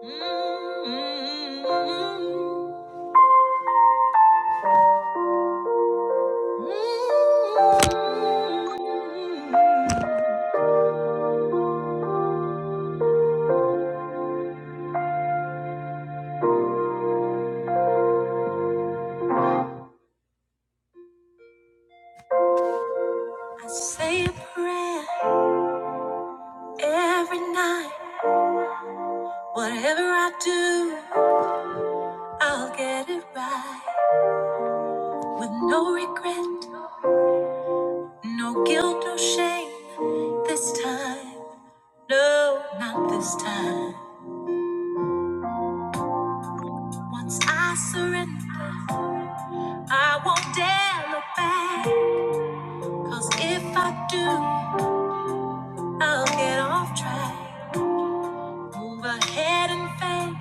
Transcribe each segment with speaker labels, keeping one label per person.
Speaker 1: Mm-hmm. I say a prayer every night. Whatever I do, I'll get it right. With no regret, no guilt, no shame. This time, no, not this time. Once I surrender, I won't dare look back. Cause if I do, I'll get off track. Move ahead in faith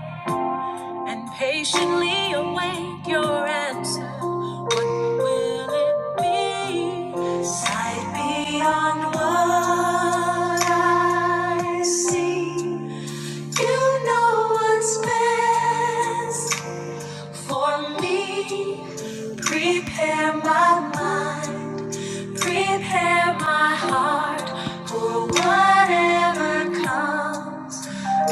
Speaker 1: and patiently await your answer. What will it be? Sight beyond what I see. You know what's best for me. Prepare my mind. Prepare my heart for whatever comes.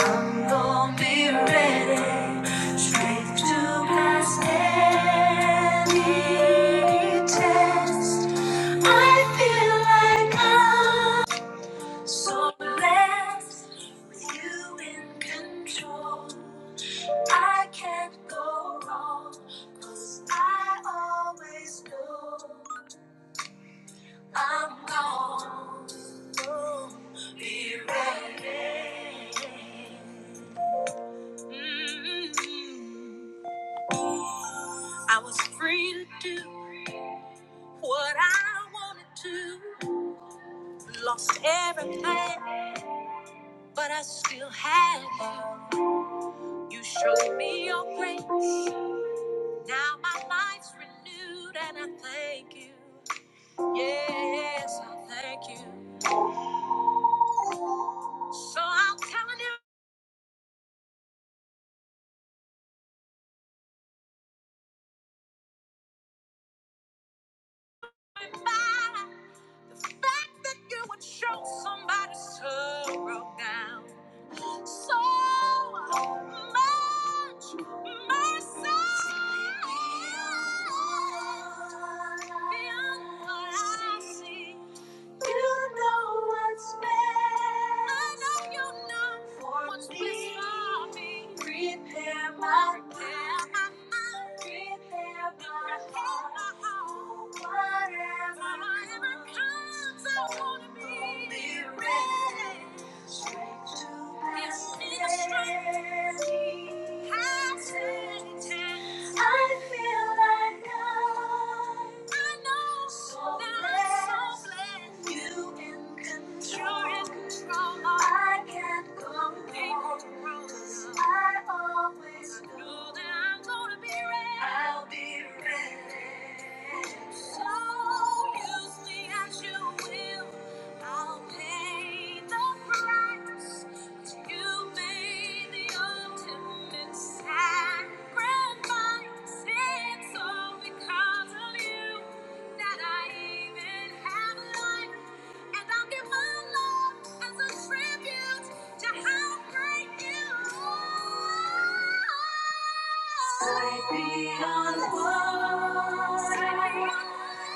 Speaker 1: I'm gonna be ready, straight to pass any test. I feel like I'm so blessed with you in control. I can't go wrong, 'cause I always know. I'm gone. Ooh, Be ready. Mm. I was free to do what I wanted to. Lost everything, but I still had you. You showed me your grace. Now my life's renewed, and I thank you. Yes, I thank you. So I'm telling you. by the fact that you would show somebody sorrow down. So much mercy. Beyond what I see. You know what's best. I know you know for what's best me. Best for me. Prepare my Prepare my mind. Prepare my heart. Whatever, Whatever comes, I want to be, be ready. Straight to that yes, it's straight. How I'll be ready. So use me as you will. I'll pay the price. 'Cause you made the ultimate sacrifice. It's all because of you that I even have life. And I'll give my love as a tribute to how great you are. Light beyond what I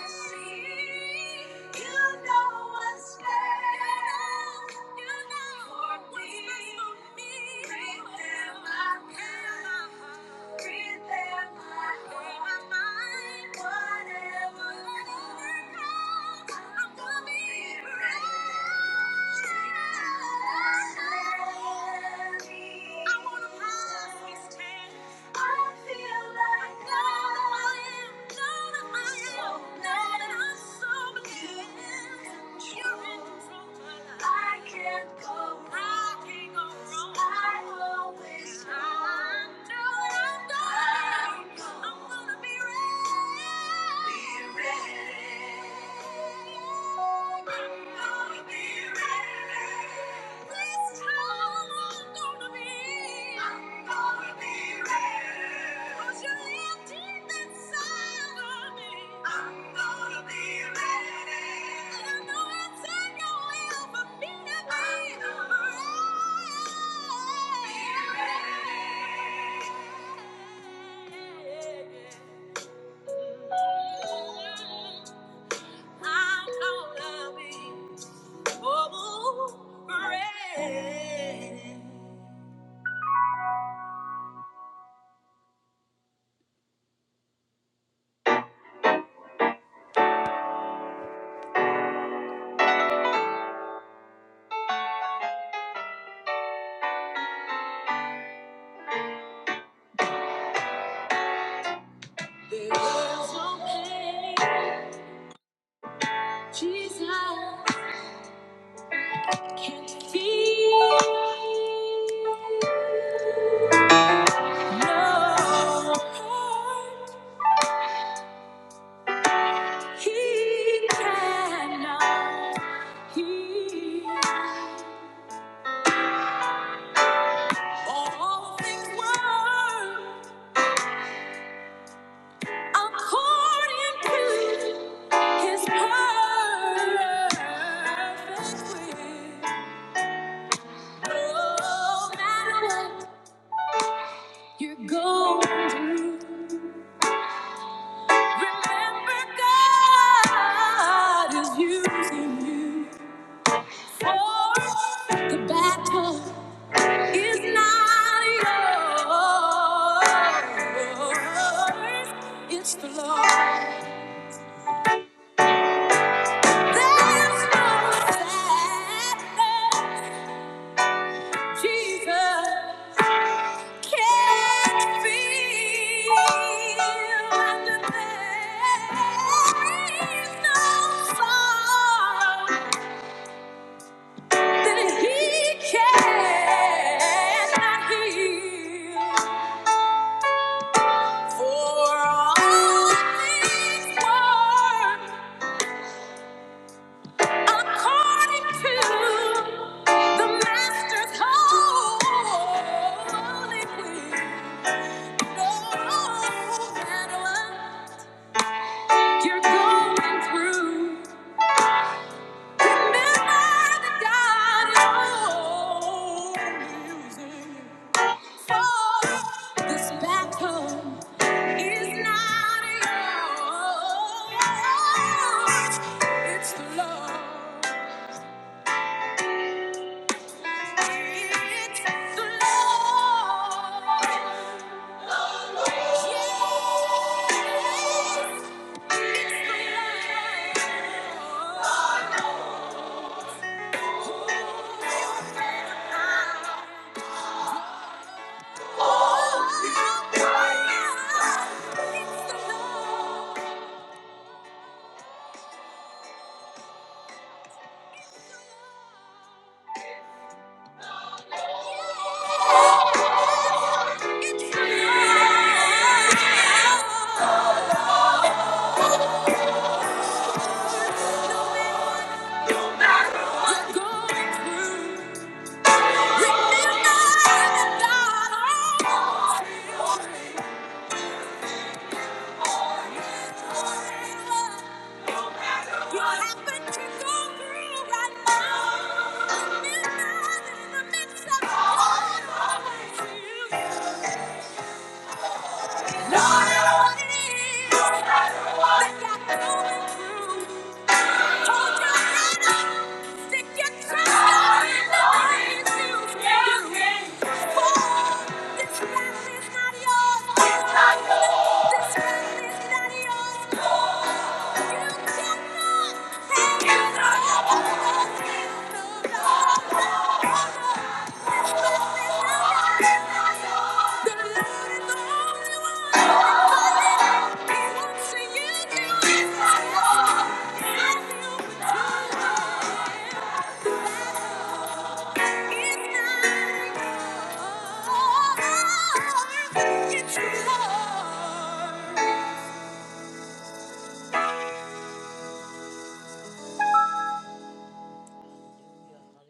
Speaker 1: see. You know what's better. You know for me. Breathe in my heart. Breathe in my heart. Whatever comes, I'm gonna be ready. I'm gonna be ready. Be ready. Yeah. I'm gonna be trouble ready. There's no pain Jesus can't feel. No hurt he cannot heal. All things work According to his perfect will. No matter what you're going through, remember God is using you. For the battle is not yours, it's the Lord. There's no sadness. Jesus can't be understood. There's no song that he cannot heal. For all things work according to the Master's holy will. You're going through. Remember that God is for this battle is not yours. It's the Lord. It's Lord, I know what it is that you're going through. Thank you.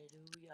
Speaker 1: Hallelujah.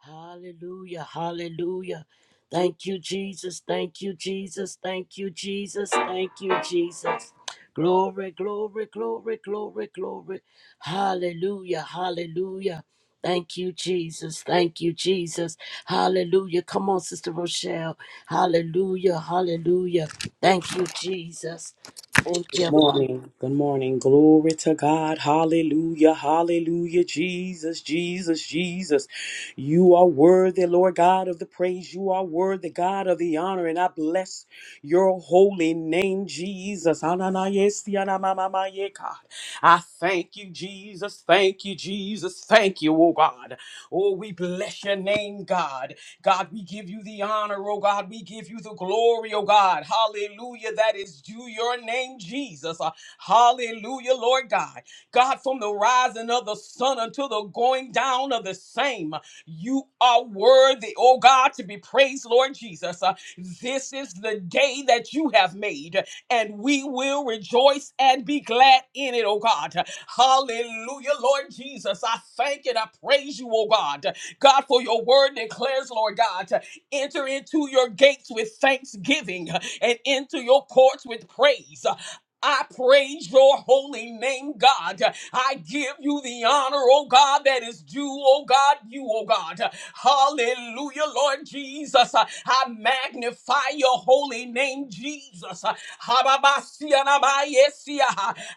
Speaker 1: Hallelujah. Hallelujah. Thank you, Jesus. Thank you, Jesus. Thank you, Jesus. Thank you, Jesus. Glory, glory, glory, glory, glory. Hallelujah. Hallelujah. Thank you, Jesus. Thank you, Jesus. Hallelujah. Come on, Sister Rochelle. Hallelujah. Hallelujah. Thank you, Jesus. Thank
Speaker 2: Good
Speaker 1: you,
Speaker 2: morning. Good morning. Glory to God. Hallelujah. Hallelujah. Jesus, Jesus, Jesus. You are worthy, Lord God, of the praise. You are worthy, God, of the honor. And I bless your holy name, Jesus. Ananayesi, anamamamaye, God. I thank you, Jesus. Thank you, Jesus. Thank you, oh God. Oh, we bless your name, God. God, we give you the honor, oh God. We give you the glory, oh God. Hallelujah. That is due your name, Jesus. Uh, Hallelujah, Lord God. God, from the rising of the sun until the going down of the same, you are worthy, oh God, to be praised, Lord Jesus. Uh, This is the day that you have made, and we will rejoice and be glad in it, oh God. Hallelujah, Lord Jesus. I thank and I praise you, oh God. God, for your word declares, Lord God. Enter into your gates with thanksgiving and into your courts with praise. I praise your holy name, God. I give you the honor, oh God, that is due, oh God, you, oh God. Hallelujah, Lord Jesus. I magnify your holy name, Jesus. Hababasianabayesia.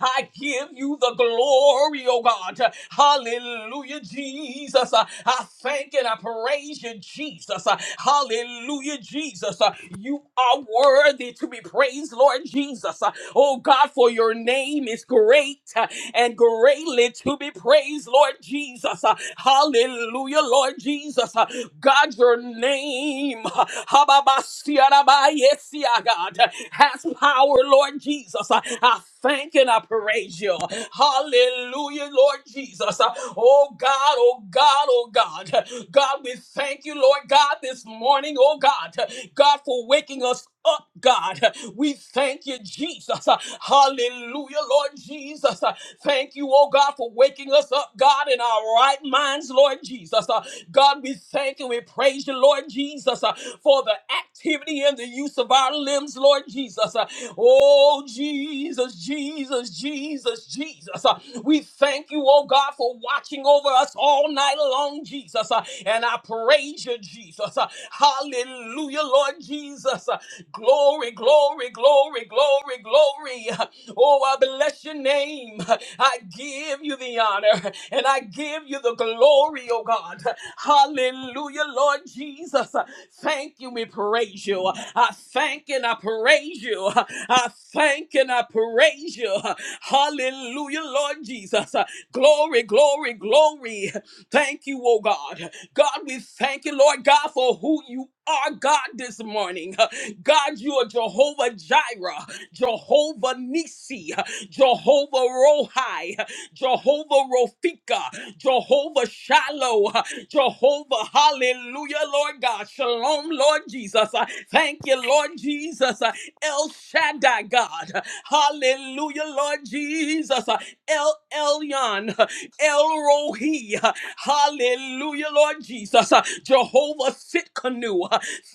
Speaker 2: I give you the glory, oh God. Hallelujah, Jesus. I thank and I praise praise you, Jesus. Uh, Hallelujah, Jesus. Uh, You are worthy to be praised, Lord Jesus. Uh, Oh God, for your name is great uh, and greatly to be praised, Lord Jesus. Uh, Hallelujah, Lord Jesus. Uh, God, your name uh, Hababasiarabayesia, God, uh, has power, Lord Jesus. Uh, I thank and I praise you. Hallelujah, Lord Jesus. Uh, Oh God, oh God. oh oh God. God, we thank you, Lord God, this morning, oh God. God, for waking us up, God. We thank you, Jesus. Hallelujah, Lord Jesus. Thank you, oh God, for waking us up, God, in our right minds, Lord Jesus. Uh, God, we thank and we praise you, Lord Jesus, uh, for the activity and the use of our limbs, Lord Jesus. Uh, Oh, Jesus, Jesus, Jesus, Jesus. Uh, We thank you, oh God, for watching over us all night long, Jesus. Uh, And I praise you, Jesus. Uh, Hallelujah, Lord Jesus. Uh, Glory, glory, glory, glory, glory. Uh, Oh, I bless your name. uh, I give you the honor and I give you the glory, oh God. Hallelujah, Lord Jesus. uh, Thank you, we praise you. uh, I thank and I praise you. uh, I thank and I praise you. uh, Hallelujah, Lord Jesus. uh, Glory, glory, glory. Thank you, oh God. God, we thank you, Lord God, for who you are, God, this morning. God, you are Jehovah Jireh, Jehovah Nisi, Jehovah Rohi, Jehovah Rofika, Jehovah Shiloh, Jehovah, hallelujah, Lord God. Shalom, Lord Jesus. I Thank you, Lord Jesus. Uh, El Shaddai, God. Hallelujah, Lord Jesus. Uh, El Elyon, El Rohi. Hallelujah, Lord Jesus. Jehovah Sitkanu.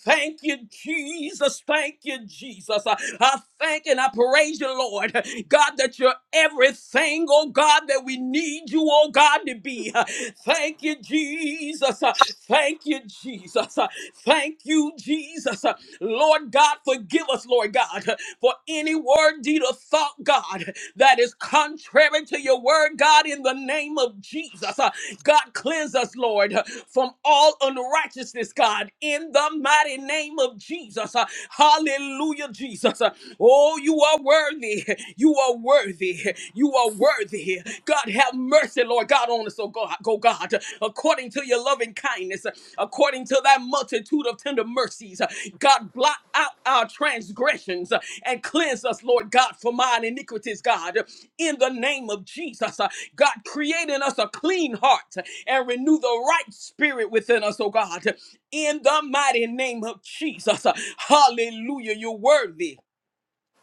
Speaker 2: Thank you, Jesus. Thank you, Jesus. I thank and I praise you, Lord. God, that you're everything, oh God, that we need you, oh God, to be. Thank you, Jesus. Thank you, Jesus. Uh, Thank you, Jesus. Uh, Lord God, forgive us, Lord God, uh, for any word, deed, or thought, God, that is contrary to your word, God, in the name of Jesus. Uh, God, cleanse us, Lord, uh, from all unrighteousness, God, in the mighty name of Jesus. Uh, Hallelujah, Jesus. Uh, Oh, you are worthy. You you are worthy. You are worthy. God, have mercy, Lord God, on us, oh God, Go, God, according to your loving kindness, according to thy multitude of tender mercies. God, blot out our transgressions and cleanse us, Lord God, from our iniquities, God, in the name of Jesus. God, create in us a clean heart and renew the right spirit within us, oh God, in the mighty name of Jesus. Hallelujah. You're worthy.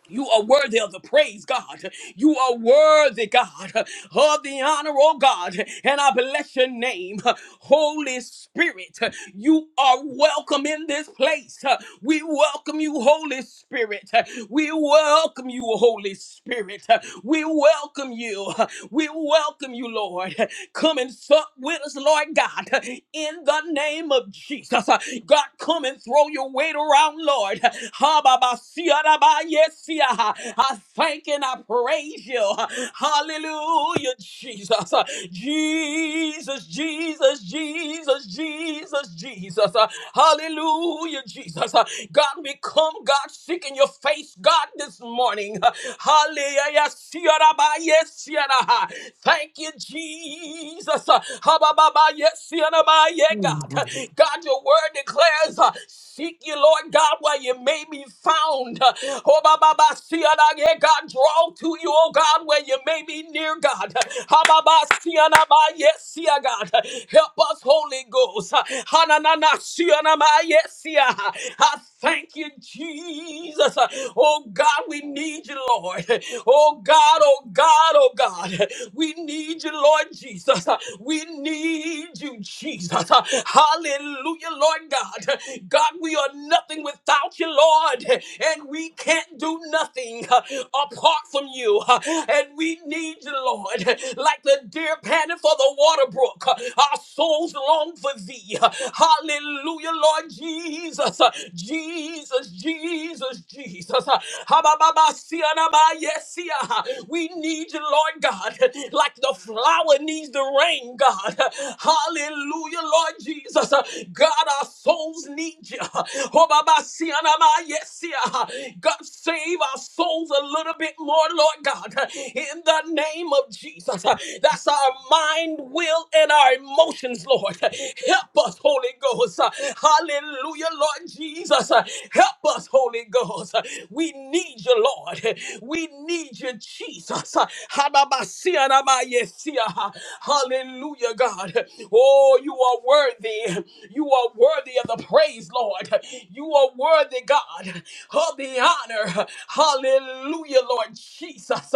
Speaker 2: You are worthy of the praise, God. You are worthy, God, of the honor, oh God. And I bless your name. Holy Spirit, you are welcome in this place. We welcome you, Holy Spirit. We welcome you, Holy Spirit. We welcome you. We welcome you, Lord. Come and sup with us, Lord God, in the name of Jesus. God, come and throw your weight around down, Lord. Ha-ba-ba-sia-da-ba-yes-sia. I thank and I praise you. Hallelujah, Jesus. Jesus, Jesus, Jesus, Jesus, Jesus. Hallelujah, Jesus. God, we come, God, seeking your face, God, this morning. Hallelujah. Sia-da-ba-yes-sia-da. Thank you, Jesus. Ha-ba-ba-ba-yes-sia-da-ba-yeah, God. God, your word declares, uh, seek you, Lord God, while you may be found. Uh, Oh, ba, ba, ba, see, and yeah, God, draw to you, oh God, where you may be near, God. Ha, ba, ba, see, and I, ba, Yes, see, ah, God. Help us, Holy Ghost. Uh, Ha, na, na, na, see, and I, ba, Yes, see, ah. I thank you, Jesus. Uh, Oh God, we need you, Lord. Oh God, oh God, oh God. We need you, Lord Jesus. We we need you, Jesus. Hallelujah, Lord God. God, we are nothing without you, Lord, and we can't do nothing apart from you. And we need you, Lord, like the deer panting for the water brook. Our souls long for thee. Hallelujah, Lord Jesus. Jesus, Jesus, Jesus. Ha-ba-ba-ba-sia-na-ba-yesia. We need you, Lord God. God, like the flower needs the rain, God. Hallelujah, Lord Jesus. God, our souls need you. Oh, Baba, see, and I'm, ah, yes, yeah. God, save our souls a little bit more, Lord God, in the name of Jesus. That's our mind, will, and our emotions, Lord. Help us, Holy Ghost. Hallelujah, Lord Jesus. Help us, Holy Ghost. We need you, Lord. We need you, Jesus. Hadabasianabayesia. Hallelujah, God. Oh, you are worthy. You are worthy of the praise, Lord. You are worthy, God, of the honor. Hallelujah, Lord Jesus.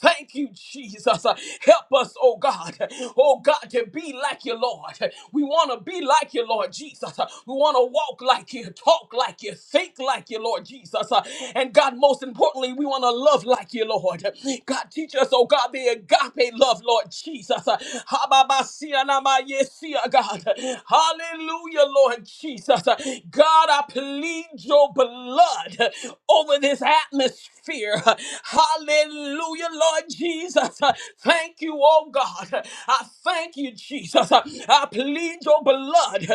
Speaker 2: Thank you, Jesus. Help us, oh God. Oh God, to be like you, Lord. We want to be like you, Lord Jesus. We want to walk like you, talk like you, think like you like you, Lord Jesus. Uh, And God, most importantly, we want to love like you, Lord. God, teach us, oh God, the agape love, Lord Jesus. Uh, Hababasianamayesia, God. Hallelujah, Lord Jesus. Uh, God, I plead your blood uh, over this atmosphere. Uh, Hallelujah, Lord Jesus. Uh, Thank you, oh God. I thank you, Jesus. Uh, I plead your blood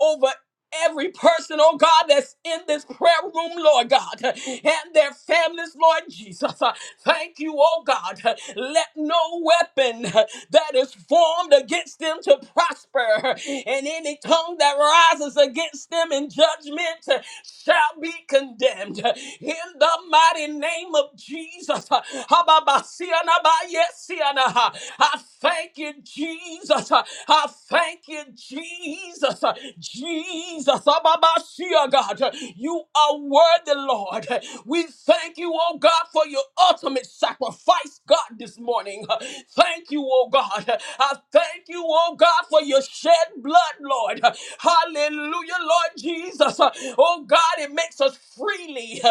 Speaker 2: over every person, oh God, that's in this prayer room, Lord God, and their families, Lord Jesus. Uh, Thank you, oh God. Let no weapon that is formed against them to prosper, and any tongue that rises against them in judgment uh, shall be condemned. In the mighty name of Jesus. Uh, Hababasianabayesiana. I thank you, Jesus. uh, I thank you, Jesus. uh, Jesus, Ababashia, God, you are worthy, Lord. We thank you, oh God, for your ultimate sacrifice, God, this morning. Thank you, oh God. I thank you, oh God, for your shed blood, Lord. Hallelujah, Lord Jesus. Oh God, it makes us freely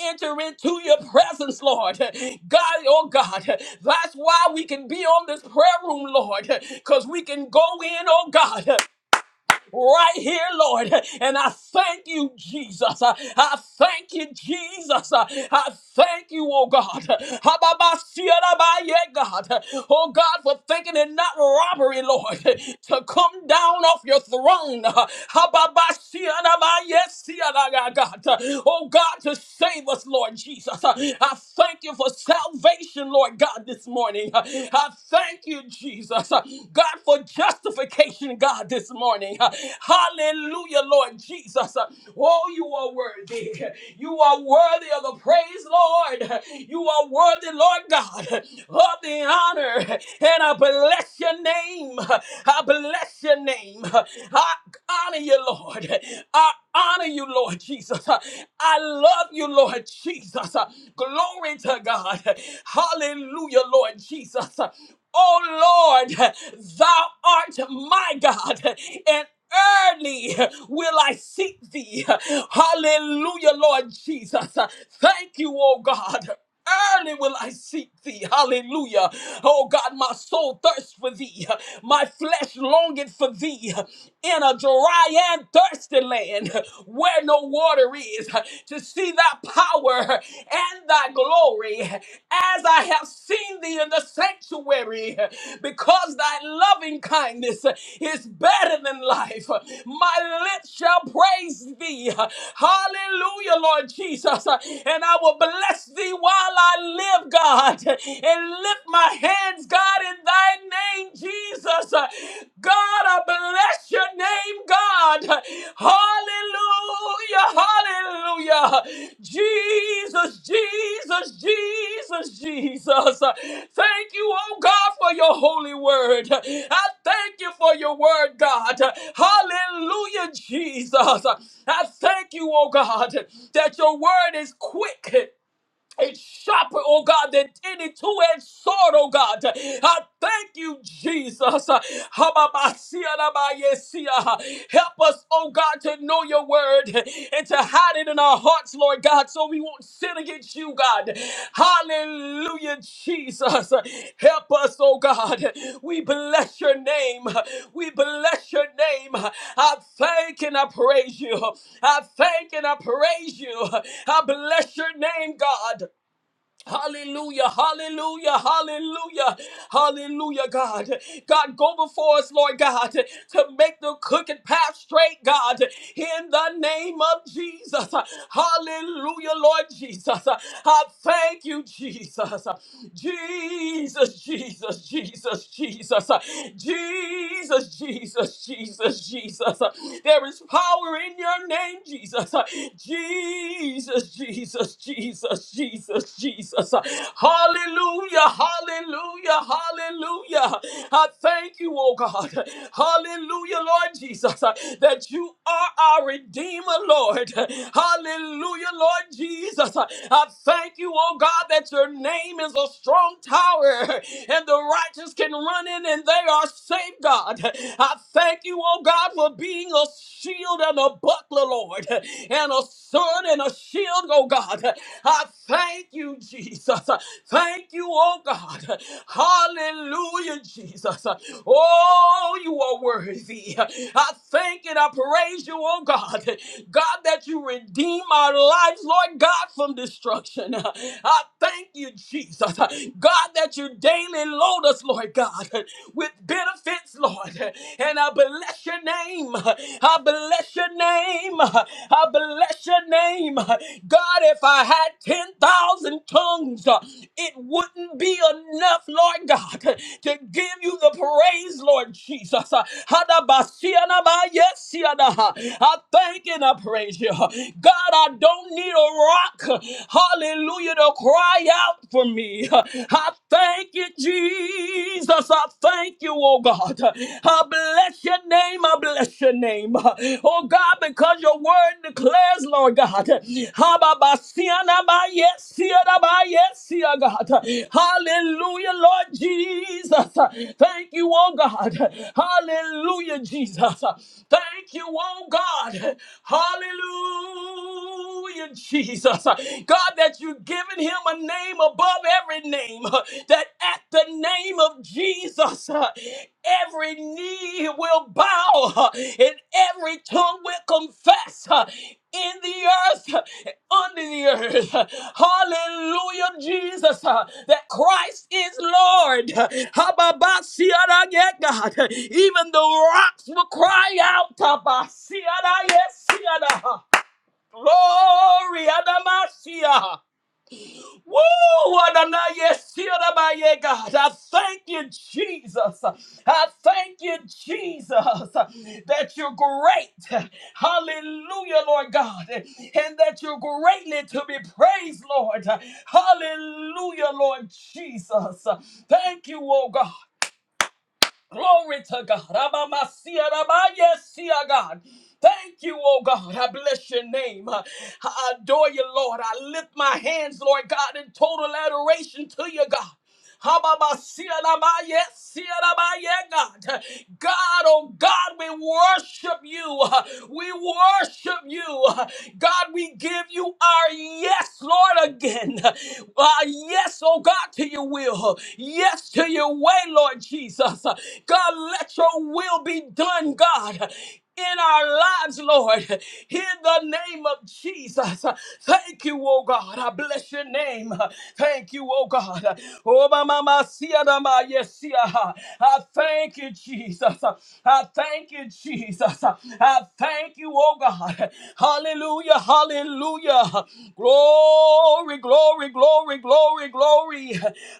Speaker 2: enter into your presence, Lord. God, oh God, that's why we can be on this prayer room, Lord, because we can go in, oh God right here, Lord. And I thank you, Jesus. I I thank you, Jesus. I I thank you, oh God. Hababasiyarabaye, God. Oh God, for thinking it not robbery, Lord, to come down off your throne. Hababasiyarabaye, siyaraga, God. Oh God, to save us, Lord Jesus. I thank you for salvation, Lord God, this morning. I thank you, Jesus, uh, God, for justification, God, this morning. Uh, Hallelujah, Lord Jesus. Uh, Oh, you are worthy. You are worthy of the praise, Lord. You are worthy, Lord God, of the honor. And I bless your name. I bless your name. I honor you, Lord. I honor you, Lord Jesus. I love you, Lord Jesus. Uh, Glory to God. Hallelujah, Lord Jesus. Uh, Oh Lord, thou art my God, and early will I seek thee. Hallelujah, Lord Jesus. Uh, Thank you, oh God. Early will I seek thee. Hallelujah. Oh God, my soul thirsts for thee. My flesh longeth for thee in a dry and thirsty land where no water is to see thy power and thy glory as I have seen thee in the sanctuary because thy loving kindness is better than life. My lips shall praise thee. Hallelujah, Lord Jesus. And I will bless thee thee while I live, God, and lift my hands, God, in thy name, Jesus. God, I bless your name, God. Hallelujah, hallelujah. Jesus, Jesus, Jesus, Jesus. Thank you, oh God, for your holy word. I thank you for your word, God. Hallelujah, Jesus. I thank you, oh God, that your word is quick it's sharper, oh God, than any two-edged sword, oh God. I thank you, Jesus. Hababasianabayesia. Help us, oh God, to know your word and to hide it in our hearts, Lord God, so we won't sin against you, God. Hallelujah, Jesus. Help us, oh God. We bless your name. We bless your name. I thank and I praise you. I thank and I praise you. I bless your name, God. Hallelujah, hallelujah, hallelujah, hallelujah, God. God, go before us, Lord God, to make the crooked path straight, God, in the name of Jesus. Hallelujah, Lord Jesus. I thank you, Jesus. Jesus, Jesus, Jesus, Jesus, Jesus, Jesus, Jesus, Jesus. There is power in your name, Jesus. Jesus, Jesus, Jesus, Jesus, Jesus. Hallelujah, hallelujah, hallelujah. I thank you, oh God. Hallelujah, Lord Jesus, that you are our Redeemer, Lord. Hallelujah, Lord Jesus. I thank you, oh God, that your name is a strong tower and the righteous can run in and they are safe, God. I thank you, oh God, for being a shield and a buckler, Lord, and a sword and a shield, oh God. I thank you, Jesus. Thank you, oh God. Hallelujah, Jesus. Oh, you are worthy. I thank and I praise you, oh God. God, that you redeem our lives, Lord God, from destruction. I thank you, Jesus. God, that you daily load us, Lord God, with benefits offense, Lord. And I bless your name. I bless your name. I bless your name. God, if I had 10,000 tongues, it wouldn't be enough, Lord God, to give you the praise, Lord Jesus. Hadabasianaba, yes, sianaha. I thank and I praise you. God, I don't need a rock, hallelujah, to cry out for me. I thank thank you, Jesus. I thank you, oh God. I bless your name. I bless your name. Oh God, because your word declares, Lord God. Hababasianaba, Yes, sianaba, yes, sia, God. Hallelujah, Lord Jesus. Thank you, oh God. Hallelujah, Jesus. Thank you, oh God. Hallelujah, Jesus. God, that You've given him a name above every name, that at the name of Jesus, uh, every knee will bow uh, and every tongue will confess uh, in the earth, uh, under the earth. Hallelujah, Jesus, uh, that Christ is Lord. Hababasiarage, God. Even the rocks will cry out. Habasiarage, Glory, Adamasia. Woo! Adonai Shirabaye, God. I thank you, Jesus. I thank you, Jesus, that you're great. Hallelujah, Lord God. And that you're greatly to be praised, Lord. Hallelujah, Lord Jesus. Thank you, oh God. Glory to God. Abamasia, rabayesia, God. Thank you, oh God. I bless your name. I I adore you, Lord. I lift my hands, Lord God, in total adoration to you, God. Hababasiranabaye, siranabaye, God. God, oh God, we worship you. We worship you. God, we give you our yes, Lord, again. Our yes, oh God, to your will. Yes, to your way, Lord Jesus. God, let your will be done, God in our lives, Lord, in the name of Jesus. Thank you, oh God. I bless your name. Thank you, oh God. Oh, my mama, sia da ma, yes, see ya. I thank you, Jesus. I thank you, Jesus. I thank you, oh God. Hallelujah, hallelujah. Glory, glory, glory, glory, glory.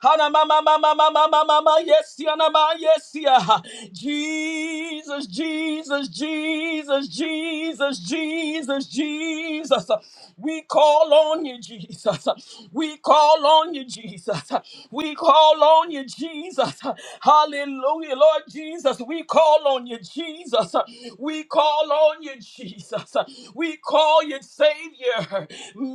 Speaker 2: Hana, ma, ma, ma, ma, ma, ma, mama, mama, yes, yeah, mama, yes, yeah. Jesus, Jesus, Jesus, Jesus, Jesus, Jesus. We call on you, Jesus. We call on you, Jesus. We call on you, Jesus. Hallelujah, Lord Jesus. We call on you, Jesus. We call on you, Jesus. We call you, Savior.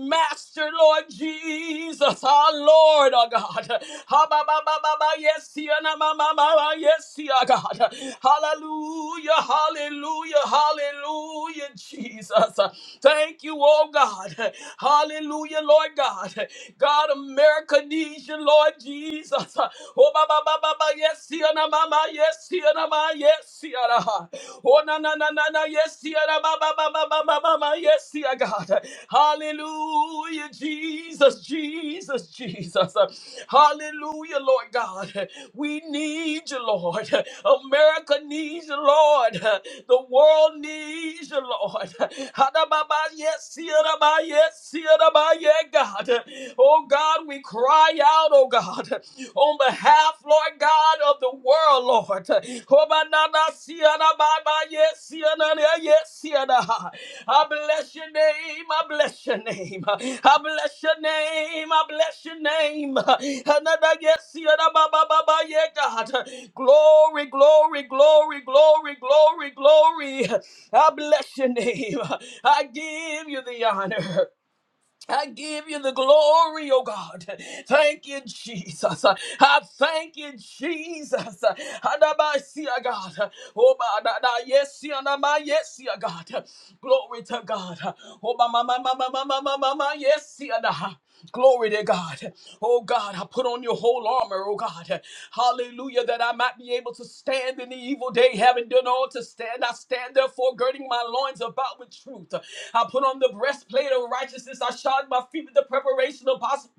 Speaker 2: Master, Lord Jesus, our Lord, our God. Ha, ba, ba, ba, ba, ba, Yes, here, na, ma, ma, ma, ma, yes, here, God. Hallelujah, hallelujah, hallelujah, Jesus. Thank you, oh God. Hallelujah, Lord God. God, America needs you, Lord Jesus. Oh, ba, ba, ba, ba, ba, yes, here, na, ma, ma, yes, here, na, ma, yes, yeah, na. Oh, Oh, na, na, na, na, na, yes, yeah, da, ba, ba, ba, ba, ba, ba, ba, ba, yes, yeah, God. Hallelujah, Jesus, Jesus, Jesus. Hallelujah, Lord God. We need you, Lord. America needs you, Lord. The world needs you, Lord. Ha, da, ba, ba, Yes, yeah, da, ba, yes, yeah, da, ba, yeah, God. Oh, God, we cry out, oh, God Oh, on behalf, Lord God, of the world, Lord. I bless your name. I bless your name. I bless your name. I bless your name. God. Glory, glory, glory, glory, glory, glory. I bless your name. I give you the honor. I give you the glory, oh God. Thank you, Jesus. I thank you, Jesus. Adabasia, God. Oh, ba- da- da- yes, yeah, na- ma- yes, yeah, God. Glory to God. Oh, ma- ma- ma- ma- ma- ma- ma- ma- ma- ma- yes, yeah, da. Glory to God. Oh God, I put on your whole armor, oh God. Hallelujah, that I might be able to stand in the evil day, having done all to stand. I stand therefore girding my loins about about with truth. I put on the breastplate of righteousness. I shod my feet with the preparation of gospel. possible.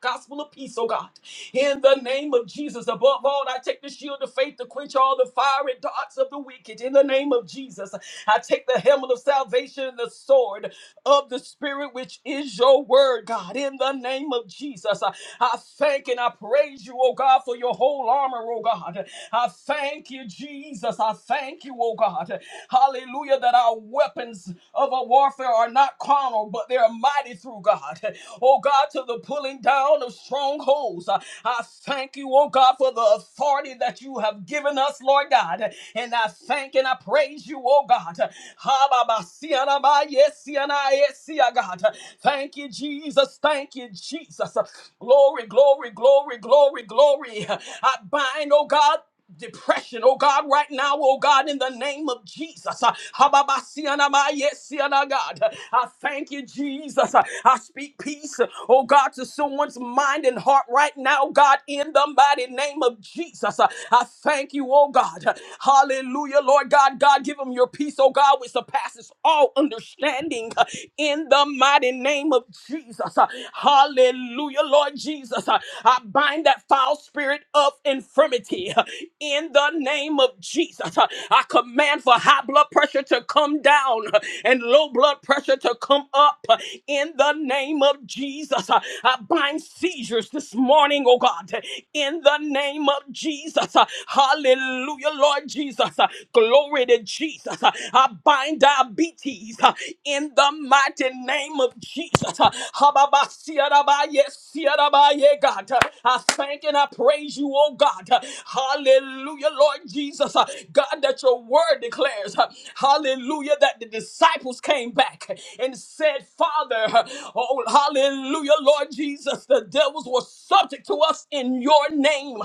Speaker 2: Gospel of peace, oh God. In the name of Jesus, above all, I take the shield of faith to quench all the fiery darts of the wicked. In the name of Jesus, I take the helmet of salvation and the sword of the Spirit, which is your word, God. In the name of Jesus, I I thank and I praise you, oh God, for your whole armor, oh God. I thank you, Jesus. Jesus, I thank you, oh God. Hallelujah, that our weapons of our warfare are not carnal, but they are mighty through God. Oh God, to the pulling down of strongholds. I I thank you, oh God, for the authority that you have given us, Lord God. And I thank and I praise you, oh God. Ha, ba, ba, si, ya, na, ba, yes, si, ya, na, yes, si, ya, God. Thank you, Jesus. Thank you, Jesus. Glory, glory, glory, glory, glory. I bind, oh God depression, oh God, right now, oh God, in the name of Jesus. Uh, Hababasianamayeseana, God. Uh, I thank you, Jesus. Uh, I speak peace, uh, oh God, to someone's mind and heart right now, God, in the mighty name of Jesus. Uh, I thank you, oh God. Uh, Hallelujah, Lord God. God, give them your peace, oh God, which surpasses all understanding uh, in the mighty name of Jesus. Uh, Hallelujah, Lord Jesus. Uh, Jesus. I I bind that foul spirit of infirmity uh, in the name of Jesus. Uh, I command for high blood pressure to come down uh, and low blood pressure to come up uh, in the name of Jesus. Uh, I bind seizures this morning, oh God, uh, in the name of Jesus. Uh, Hallelujah, Lord Jesus. Uh, Glory to Jesus. Uh, I bind diabetes uh, in the mighty name of Jesus. Hababasiaraba, yes, siaraba, yeah, God. I thank and I praise you, oh God. Hallelujah, Lord Jesus. God, that your word declares, hallelujah, that the disciples came back and said, Father, oh, hallelujah, Lord Jesus, the devils were subject to us in your name.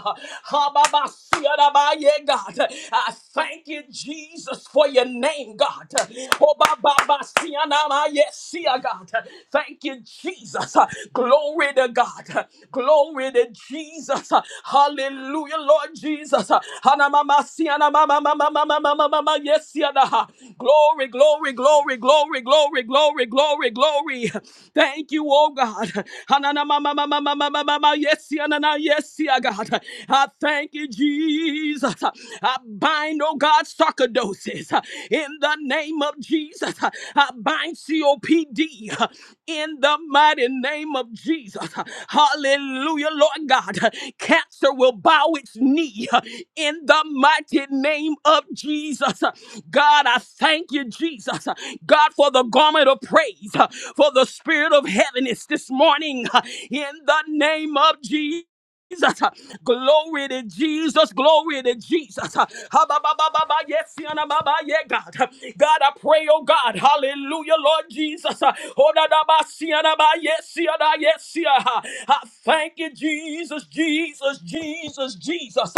Speaker 2: Hababasiaraba, yeah, God. I thank you, Jesus, for your name, God. God. Oh, ba, ba, ba, si, ah, nah, nah, yes, see, ah, God. Thank you, Jesus. Glory to God. Glory to Jesus. Hallelujah, Lord Jesus. Ah, nah, ma, ma, si, ah, nah, ma, ma, ma, ma, ma, ma, ma, ma, ma, ma, Yes, see, ah, nah. glory, glory, glory, glory, glory, glory, glory, glory. Thank you, oh God. Ah, nah, nah, ma, ma, ma, ma, ma, ma, ma, ma, ma, Yes, see, ah, na na, yes, see, ah, God. I thank you, Jesus. I bind, oh God, sarcoidosis uh, in the name of Jesus. Uh, I bind COPD uh, in the mighty name of Jesus. Uh, Hallelujah, Lord God. Uh, Cancer will bow its knee uh, in the mighty name of Jesus. Uh, God, I thank you, Jesus. Uh, God, for the garment of praise, uh, for the spirit of heaviness this morning uh, in the name of Jesus. Jesus. Glory to Jesus. Glory to Jesus. Ha, ba, ba, ba, ba, ba, Yes, yana, ba, ba, yeah, God. God, I pray, oh God. Hallelujah, Lord Jesus. Oh, da, da, ba, si, yana, ba, Yes, yana, yes, yeah. I thank you, Jesus, Jesus, Jesus, Jesus.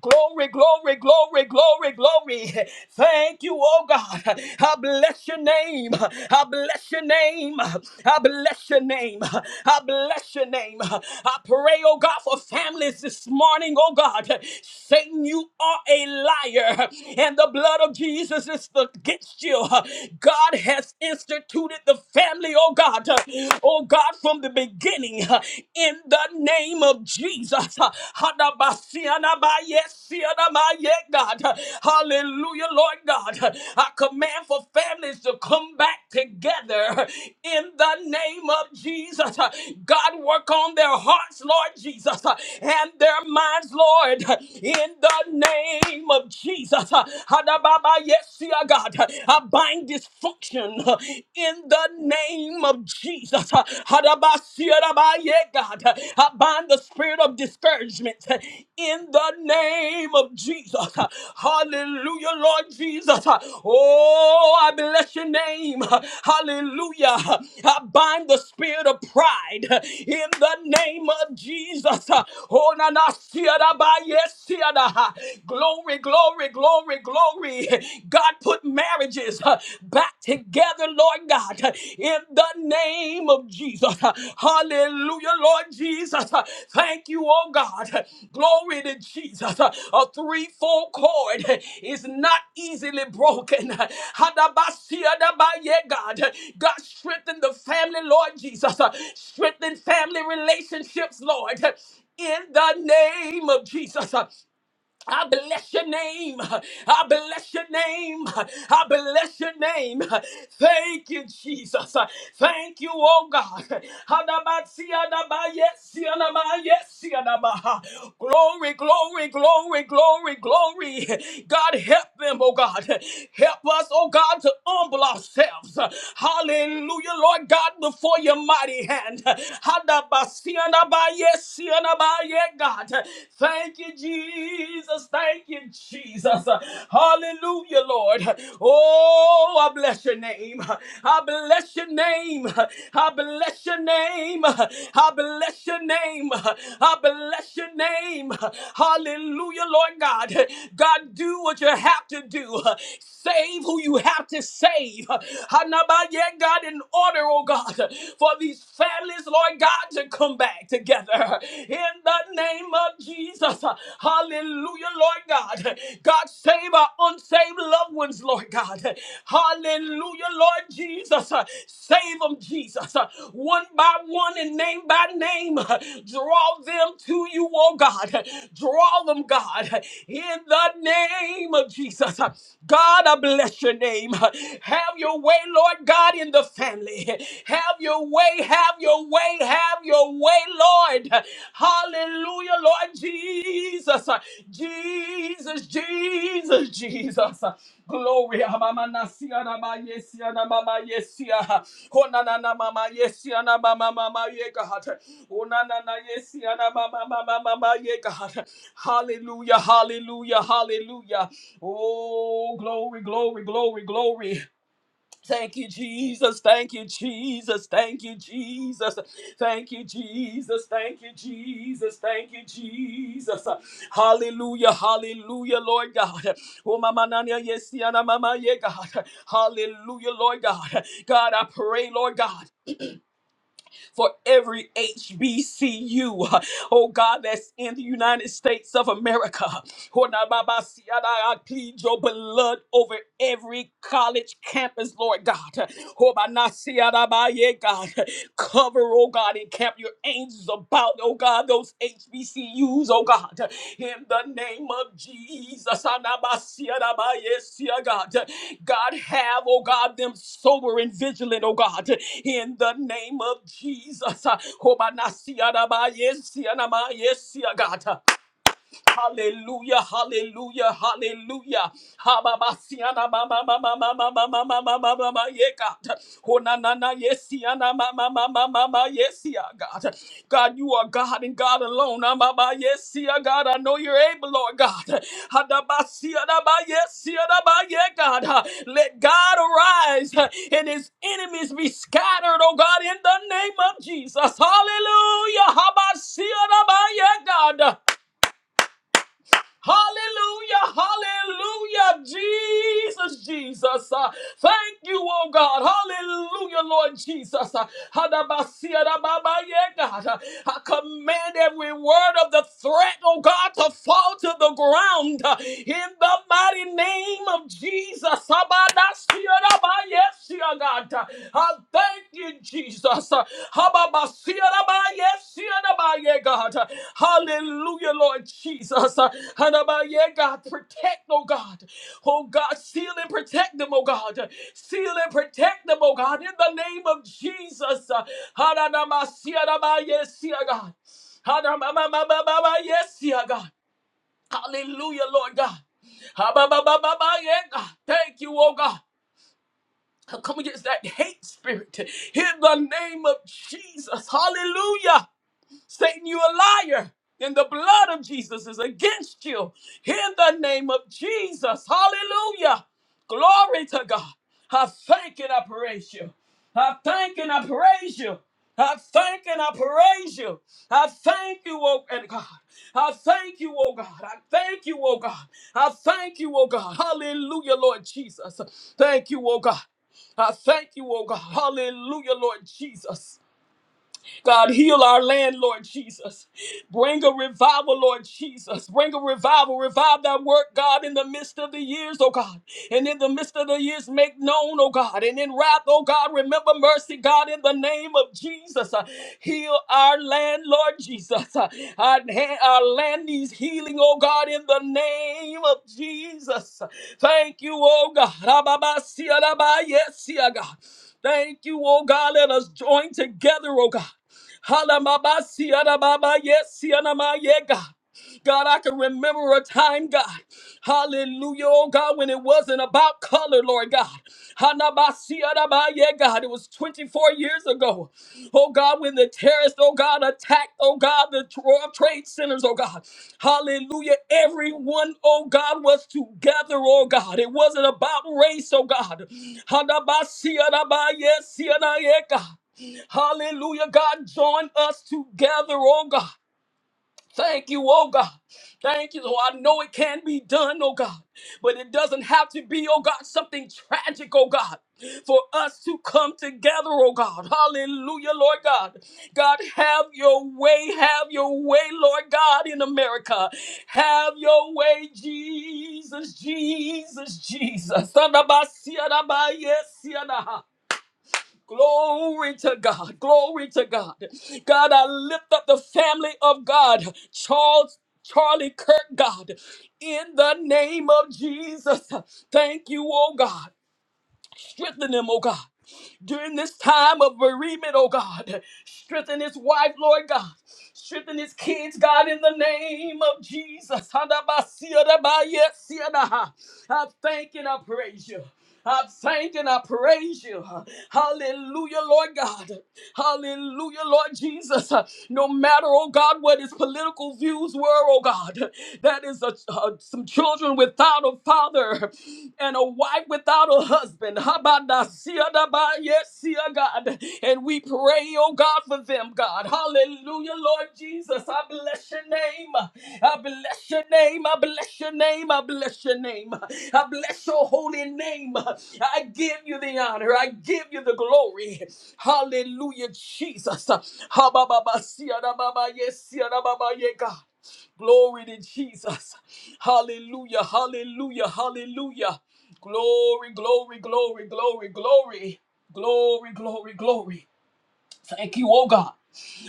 Speaker 2: Glory, glory, glory, glory, glory. Thank you, oh God. I bless your name. I bless bless your name. I bless your name. I bless your name. I pray, oh God, for families this morning, oh God. Satan, you are a liar, and the blood of Jesus is against you. God has instituted the family, oh God, oh God, from the beginning, in the name of Jesus. Hadabasianabayesianamayega. God. Hallelujah, Lord God. I command for families to come back together in the name of Jesus. God, work on their hearts, Lord Jesus, and their minds, Lord, in the name of Jesus. Hadababa, yes, dear God. I bind dysfunction in the name of Jesus. Hadabasiarabaya, God. I bind the spirit of discouragement in the name of Jesus. Hallelujah, Lord Jesus. Oh, I bless your name. Hallelujah. I bind the spirit of pride in the name of Jesus. Oh, na, na, siada, ba, yes, siada. Glory, glory, glory, glory. God put marriages back back together, Lord God, in the name of Jesus. Hallelujah, Lord Jesus. Thank you, oh God. Glory to Jesus. A threefold cord is not easily broken. Hadabasiadabaye, God. God, strengthen the family, Lord Jesus. Strengthen family relationships, Lord. In the name of Jesus. I bless your name. I bless your name. I bless your name. Thank you, Jesus. Thank you, oh God. Hadabasi, hadaba, yes, hadaba, yes, hadaba. Glory, glory, glory, glory, glory. God, help them, oh God. Help us, oh God, to humble ourselves. Hallelujah, Lord God, before your mighty hand. Hadabasi, hadaba, yes, hadaba, yet, God. Thank you, Jesus. Thank you, Jesus. Hallelujah, Lord. Oh, I bless your name. I bless your name. I bless your name. I bless your name. I bless your name. Hallelujah, Lord God. God, do what you have to do. Save who you have to save. Hanabaya, God, in order, oh God, for these families, Lord God. God to come back together in the name of Jesus. Hallelujah, Lord God. God, save our unsaved loved ones, Lord God. Hallelujah, Lord Jesus. Save them, Jesus. One by one and name by name. Draw them to you, oh God. Draw them, God, in the name of Jesus. God, I bless your name. Have your way, Lord God, in the family. Have your way, have your way, have your way, Lord. Hallelujah, Lord Jesus. Jesus, Jesus, Jesus. Glory. Ah, Mama nasia na ma yesia na mama yesia. Ona na na mama yesia na mama mama ye God. Ona na na yesia na mama mama mama ye God. Hallelujah, hallelujah, hallelujah. Oh, glory, glory, glory, glory. Thank you, Jesus. Thank you, Jesus. Thank you, Jesus. Thank you, Jesus. Thank you, Jesus. Thank you, Jesus. Hallelujah. Hallelujah, Lord God. Oh, Mama Nanya, yes, Yana, Mama, yeah, God. Hallelujah, Lord God. God, I pray, Lord God, for every HBCU, oh God, that's in the United States of America. Oh, na, Baba, Siada, I plead your blood over every college campus, Lord God. Oh, by not see out of my ear, God. Cover, oh God, and camp your angels about, oh God, those HBCUs, oh God. In the name of Jesus. Anabasi, anabaye, see, oh God. God have, oh God, them sober and vigilant, oh God. In the name of Jesus. Oh, by not see out of my ear, see, anamaye, see, oh God. Hallelujah, hallelujah, hallelujah. Hababasiana mama mama mama mama mama mama yeah God. Honanana yesiana mama mama mama yesia God. God, you are God and God alone. Amaba yesia God, I know you're able, Lord God. Hadabasiana ba yesiana ba yeah God. Let God arise and his enemies be scattered, oh God, in the name of Jesus. Hallelujah. Habasiana ba yeah God. Hallelujah, hallelujah, Jesus, Jesus. Uh, thank you, oh God. Hallelujah, Lord Jesus. Uh, Hadabasia da baba ye, God. Uh, I command every word of the threat, oh God, to fall to the ground uh, in the mighty name of Jesus. Habadasia da ba ye, See oh God. I thank you, Jesus. Hababa, see, oh, my, yes, Hababasiyarabaya, yeah, God. Hallelujah, Lord Jesus. Hanabaya, God, protect, oh God. Oh God, seal and protect them, oh God. Seal and protect them, oh God, in the name of Jesus. Hananamasiyarabaya, siya, God. Hanamamamamamaya, siya, God. Hallelujah, Lord God. Ha-ba-ba-ba-ba-ba, yeah, God. Thank you, oh God come against that hate spirit in the name of Jesus. Hallelujah. Satan, you a liar. And the blood of Jesus is against you. In the name of Jesus. Hallelujah. Glory to God. I thank and I praise you. I thank and I praise you. I thank and I praise you. I thank you, oh and God. I thank you, oh God. I thank you, oh God. I thank you, oh God. Hallelujah, Lord Jesus. Thank you, oh God. I thank you, oh God. Hallelujah, Lord Jesus. God, heal our land, Lord Jesus. Bring a revival, Lord Jesus. Bring a revival. Revive that work, God, in the midst of the years, oh God. And in the midst of the years, make known, oh God. And in wrath, oh God, remember mercy, God, in the name of Jesus. Uh, Heal our land, Lord Jesus. Uh, Our, ha- our land needs healing, oh God, in the name of Jesus. Thank you, oh God. Rababasiya, rabayesiya, God. Thank you, oh God. Let us join together, oh God. Halamaba siyanamaba yes siyanama yeah God. God, I can remember a time, God. Hallelujah, oh God, when it wasn't about color, Lord God. Hanaba siyanama yeah God. It was 24 years ago. Oh God, when the terrorists, oh God, attacked, oh God, the World Trade Centers, oh God. Hallelujah. Everyone, oh God, was together, oh God. It wasn't about race, oh God. Hanaba siyanama yes siyanama yeah God. Hallelujah, God, join us together, oh God. Thank you, oh God. Thank you. Oh, I know it can be done, oh God, but it doesn't have to be, oh God, something tragic, oh God, for us to come together, oh God. Hallelujah, Lord God. God, have your way, have your way, Lord God, in America. Have your way, Jesus, Jesus, Jesus. Son of a- Glory to God. Glory to God. God, I lift up the family of God. Charles. Charlie Kirk, God, in the name of Jesus, thank you, oh God. Strengthen them, oh God during this time of bereavement, oh God. Strengthen his wife, Lord God. Strengthen his kids, God, in the name of Jesus. I thank and I praise you. I thank and I praise you. Hallelujah, Lord God. Hallelujah, Lord Jesus. No matter, oh God, what his political views were, oh God, that is a, uh, some children without a father mother and a wife without a husband. Habadasiadabayesia, God. And we pray, oh God, for them, God. Hallelujah, Lord Jesus. I bless your name. I bless your name. I bless your name. I bless your name. I bless your holy name. I give you the honor. I give you the glory. Hallelujah, Jesus. Habababasiadababayesia, God. Glory to Jesus. Hallelujah, hallelujah, hallelujah. Glory, glory, glory, glory, glory, glory, glory, glory. Thank you, oh God.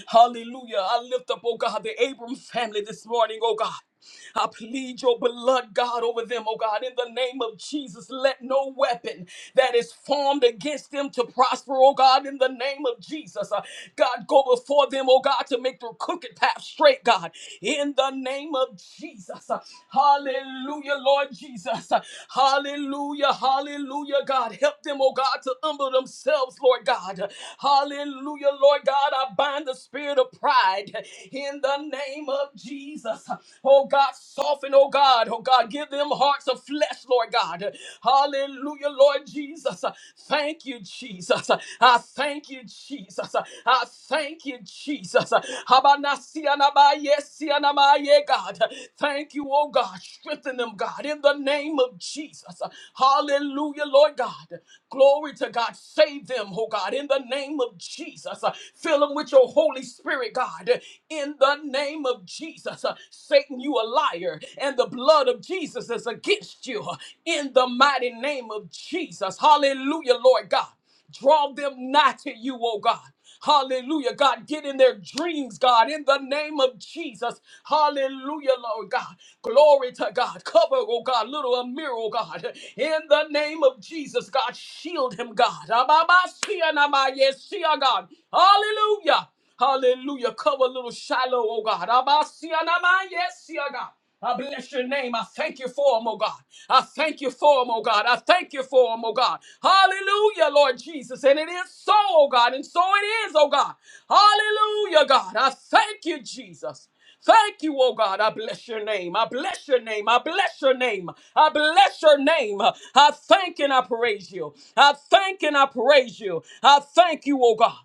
Speaker 2: Hallelujah. I lift up, oh God, the Abram family this morning, oh God. I plead your blood, God, over them, oh God, in the name of Jesus. Let no weapon that is formed against them to prosper, oh God, in the name of Jesus. Uh, God, go before them, oh God, to make their crooked path straight, God, in the name of Jesus. Uh, Hallelujah, Lord Jesus. Uh, Hallelujah, hallelujah, God. Help them, oh God, to humble themselves, Lord God. Uh, Hallelujah, Lord God. I bind the spirit of pride in the name of Jesus. Oh God, soften, oh God, oh God, give them hearts of flesh, Lord God. Hallelujah, Lord Jesus. Thank you, Jesus. I thank you, Jesus. I thank you, Jesus. Habanasianabayesianamaye, God. Thank you, oh God. Strengthen them, God, in the name of Jesus. Hallelujah, Lord God. Glory to God. Save them, oh God, in the name of Jesus. Fill them with your Holy Spirit, God in the name of Jesus. Uh, Satan, you a liar, and the blood of Jesus is against you uh, in the mighty name of Jesus. Hallelujah, Lord God. Draw them nigh to you, oh God. Hallelujah, God. Get in their dreams, God, in the name of Jesus. Hallelujah, Lord God. Glory to God. Cover, oh God, little Amir, oh God. In the name of Jesus, God, shield him, God. Ababa, sia, nama, yes, sia, God. Hallelujah. Hallelujah. Cover little Shiloh, oh God. Abasianama, Yes, yeah, God. I bless your name. I thank you for him, oh God. I thank you for him, oh God. I thank you for him, oh God. Hallelujah, Lord Jesus. And it is so, oh God. And so it is, oh God. Hallelujah, God. I thank you, Jesus. Thank you, oh God. I bless your name. I bless your name. I bless your name. I bless your name. I thank and I praise you. I thank and I praise you. I thank you, oh God.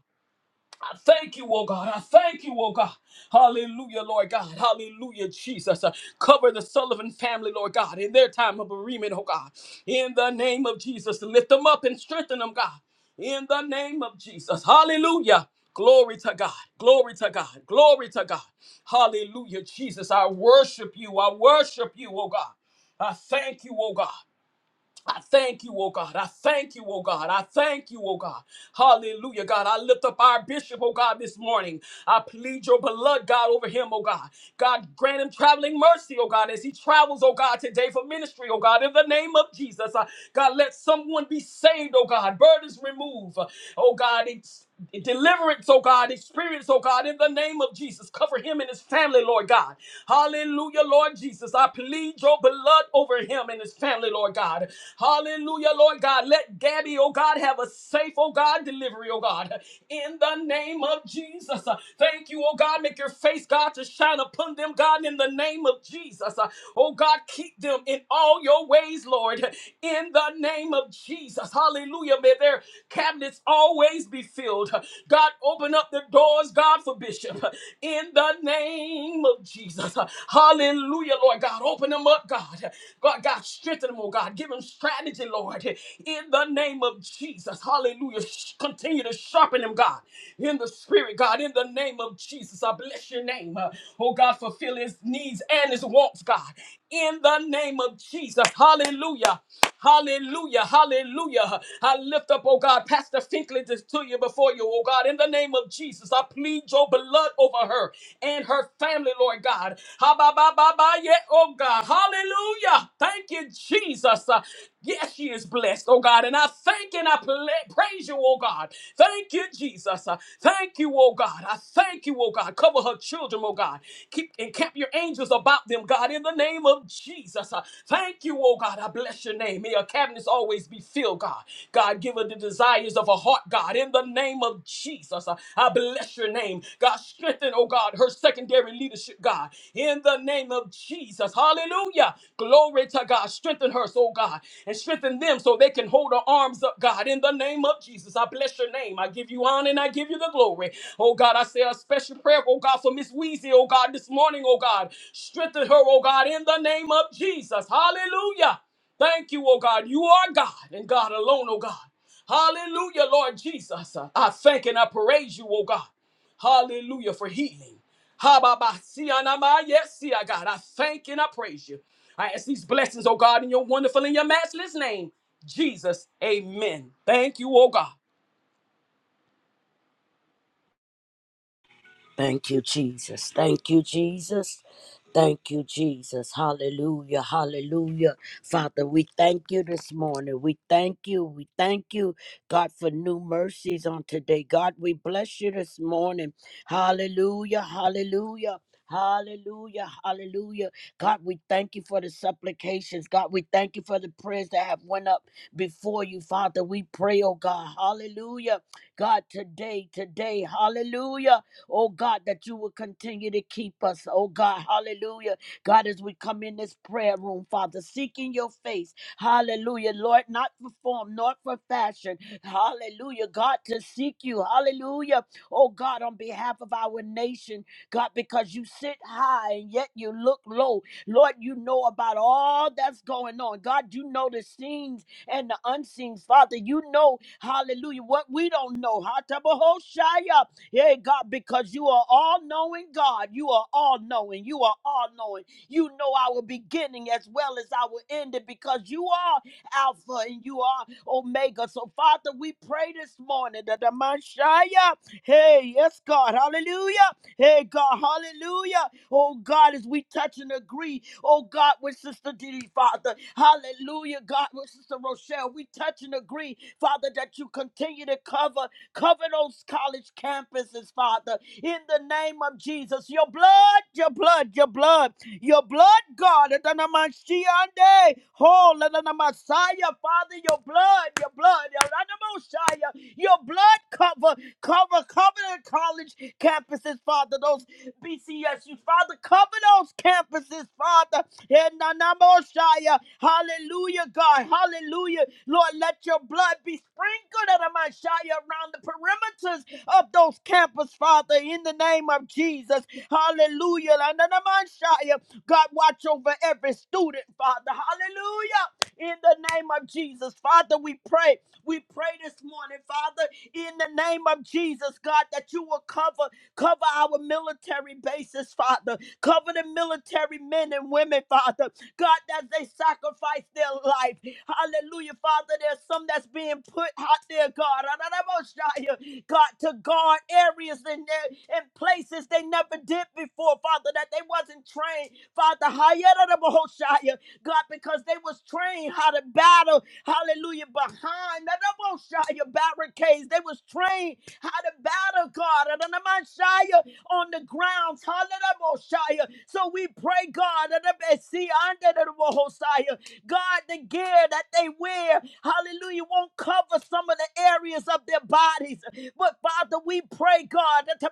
Speaker 2: I thank you, oh God. I thank you, oh God. Hallelujah, Lord God. Hallelujah, Jesus. Uh, cover the Sullivan family, Lord God, in their time of bereavement, oh God. In the name of Jesus, lift them up and strengthen them, God. In the name of Jesus. Hallelujah. Glory to God. Glory to God. Glory to God. Hallelujah, Jesus. I worship you. I worship you, oh God. I thank you, oh God. I thank you, oh God. I thank you, oh God. I thank you, oh God. Hallelujah, God. I lift up our bishop, oh God, this morning. I plead your blood, God, over him, oh God. God, grant him traveling mercy, oh God, as he travels, oh God, today for ministry, oh God, in the name of Jesus. Uh, God, let someone be saved, oh God. Burdens removed, oh God deliverance, oh God, experience, oh God, in the name of Jesus. Cover him and his family, Lord God. Hallelujah, Lord Jesus. I plead your blood over him and his family, Lord God. Hallelujah, Lord God. Let Gabby, oh God, have a safe, oh God, delivery, oh God, in the name of Jesus. Uh, Thank you, oh God. Make your face, God, to shine upon them, God, in the name of Jesus. Uh, Oh God, keep them in all your ways, Lord, in the name of Jesus. Jesus. Hallelujah. May their cabinets always be filled. God, open up the doors, God, for Bishop. In the name of Jesus. Hallelujah, Lord God. Open them up, God. God, God, strengthen them, oh God. Give them strategy, Lord. In the name of Jesus. Hallelujah. Sh- Continue to sharpen them, God. In the spirit, God. In the name of Jesus. I bless your name. Uh, Oh God, fulfill his needs and his wants, God in the name of Jesus. Hallelujah. Hallelujah. Hallelujah. I lift up, oh God, Pastor Finkley to to you before you, oh God, in the name of Jesus. I plead your blood over her and her family, Lord God. Ha ba ba ba ba yeah, oh God. Hallelujah. Thank you, Jesus. Uh, Yes, she is blessed, oh God. And I thank and I pla- praise you, oh God. Thank you, Jesus. Uh, Thank you, oh God. I thank you, oh God. Cover her children, oh God. Keep and camp your angels about them, God, in the name of Jesus. Uh, Thank you, oh God. I bless your name. May your cabinets always be filled, God. God, give her the desires of her heart, God, in the name of Jesus. Uh, I bless your name. God, strengthen, oh God, her secondary leadership, God, in the name of Jesus. Hallelujah. Glory to God. Strengthen her, so God, and strengthen them so they can hold her arms up, God, in the name of Jesus. I bless your name. I give you honor and I give you the glory. Oh God, I say a special prayer, oh God, for Miss Weezy, oh God, this morning, oh God. Strengthen her, oh God, in the name of Jesus. Hallelujah. Thank you, oh God. You are God and God alone, oh God. Hallelujah, Lord Jesus. I thank and I praise you, oh God. Hallelujah for healing. Ha-ba-ba-si-ya-na-ma. Yes, see, I God. I thank and I praise you. I ask these blessings, oh God, in your wonderful and your matchless name. Jesus, amen. Thank you, oh God.
Speaker 1: Thank you, Jesus. Thank you, Jesus. Thank you, Jesus. Hallelujah. Hallelujah. Father, we thank you this morning. We thank you. We thank you, God, for new mercies on today. God, we bless you this morning. Hallelujah. Hallelujah. Hallelujah, hallelujah. God, we thank you for the supplications. God, we thank you for the prayers that have went up before you, Father. We pray, oh God. Hallelujah. God, today, today, hallelujah. Oh God, that you will continue to keep us. Oh God, hallelujah. God, as we come in this prayer room, Father, seeking your face. Hallelujah. Lord, not for form, not for fashion. Hallelujah. God, to seek you. Hallelujah. Oh God, on behalf of our nation, God, because you sit high and yet you look low. Lord, you know about all that's going on. God, you know the scenes and the unseen. Father, you know, hallelujah, what we don't know. Hatabahoshaya. Hey, God, because you are all knowing, God. You are all knowing. You are all knowing. You know our beginning as well as our ending because you are Alpha and you are Omega. So, Father, we pray this morning that the Messiah, hey, yes, God, hallelujah. Hey, God, hallelujah. Oh, God, as we touch and agree, oh, God, with Sister Didi, Father, hallelujah, God, with Sister Rochelle, we touch and agree, Father, that you continue to cover. Cover those college campuses, Father, in the name of Jesus. Your blood, your blood, your blood, your blood, God. Adanamashiande. Oh, Messiah, Father, your blood, your blood, Adanamoshaya, your blood cover, cover, cover the college campuses, Father, those BCSU, Father, cover those campuses, Father. Enanamoshaya. Hallelujah, God. Hallelujah. Lord, let your blood be sprinkled Anamashaya, around the perimeters of those campus, Father, in the name of Jesus. Hallelujah. Ananamashaya. God, watch over every student, Father. Hallelujah. In the name of Jesus, Father, we pray. We pray this morning, Father, in the name of Jesus, God, that you will cover cover our military bases, Father. Cover the military men and women, Father. God, as they sacrifice their life. Hallelujah, Father. There's some that's being put out there, God. Adonai-Moshiach, God, to guard areas in there and places they never did before, Father, that they wasn't trained. Father, Hayadadaboshiach, God, because they was trained how to battle, hallelujah, behind Adonai-Moshiach barricades. They was trained how to battle, God. Adonai-Moshiach, on the grounds. Hallelujah. So we pray, God, that the see under the Messiah. God, the gear that they wear, hallelujah, won't cover some of the areas of their bodies. But Father, we pray, God, that to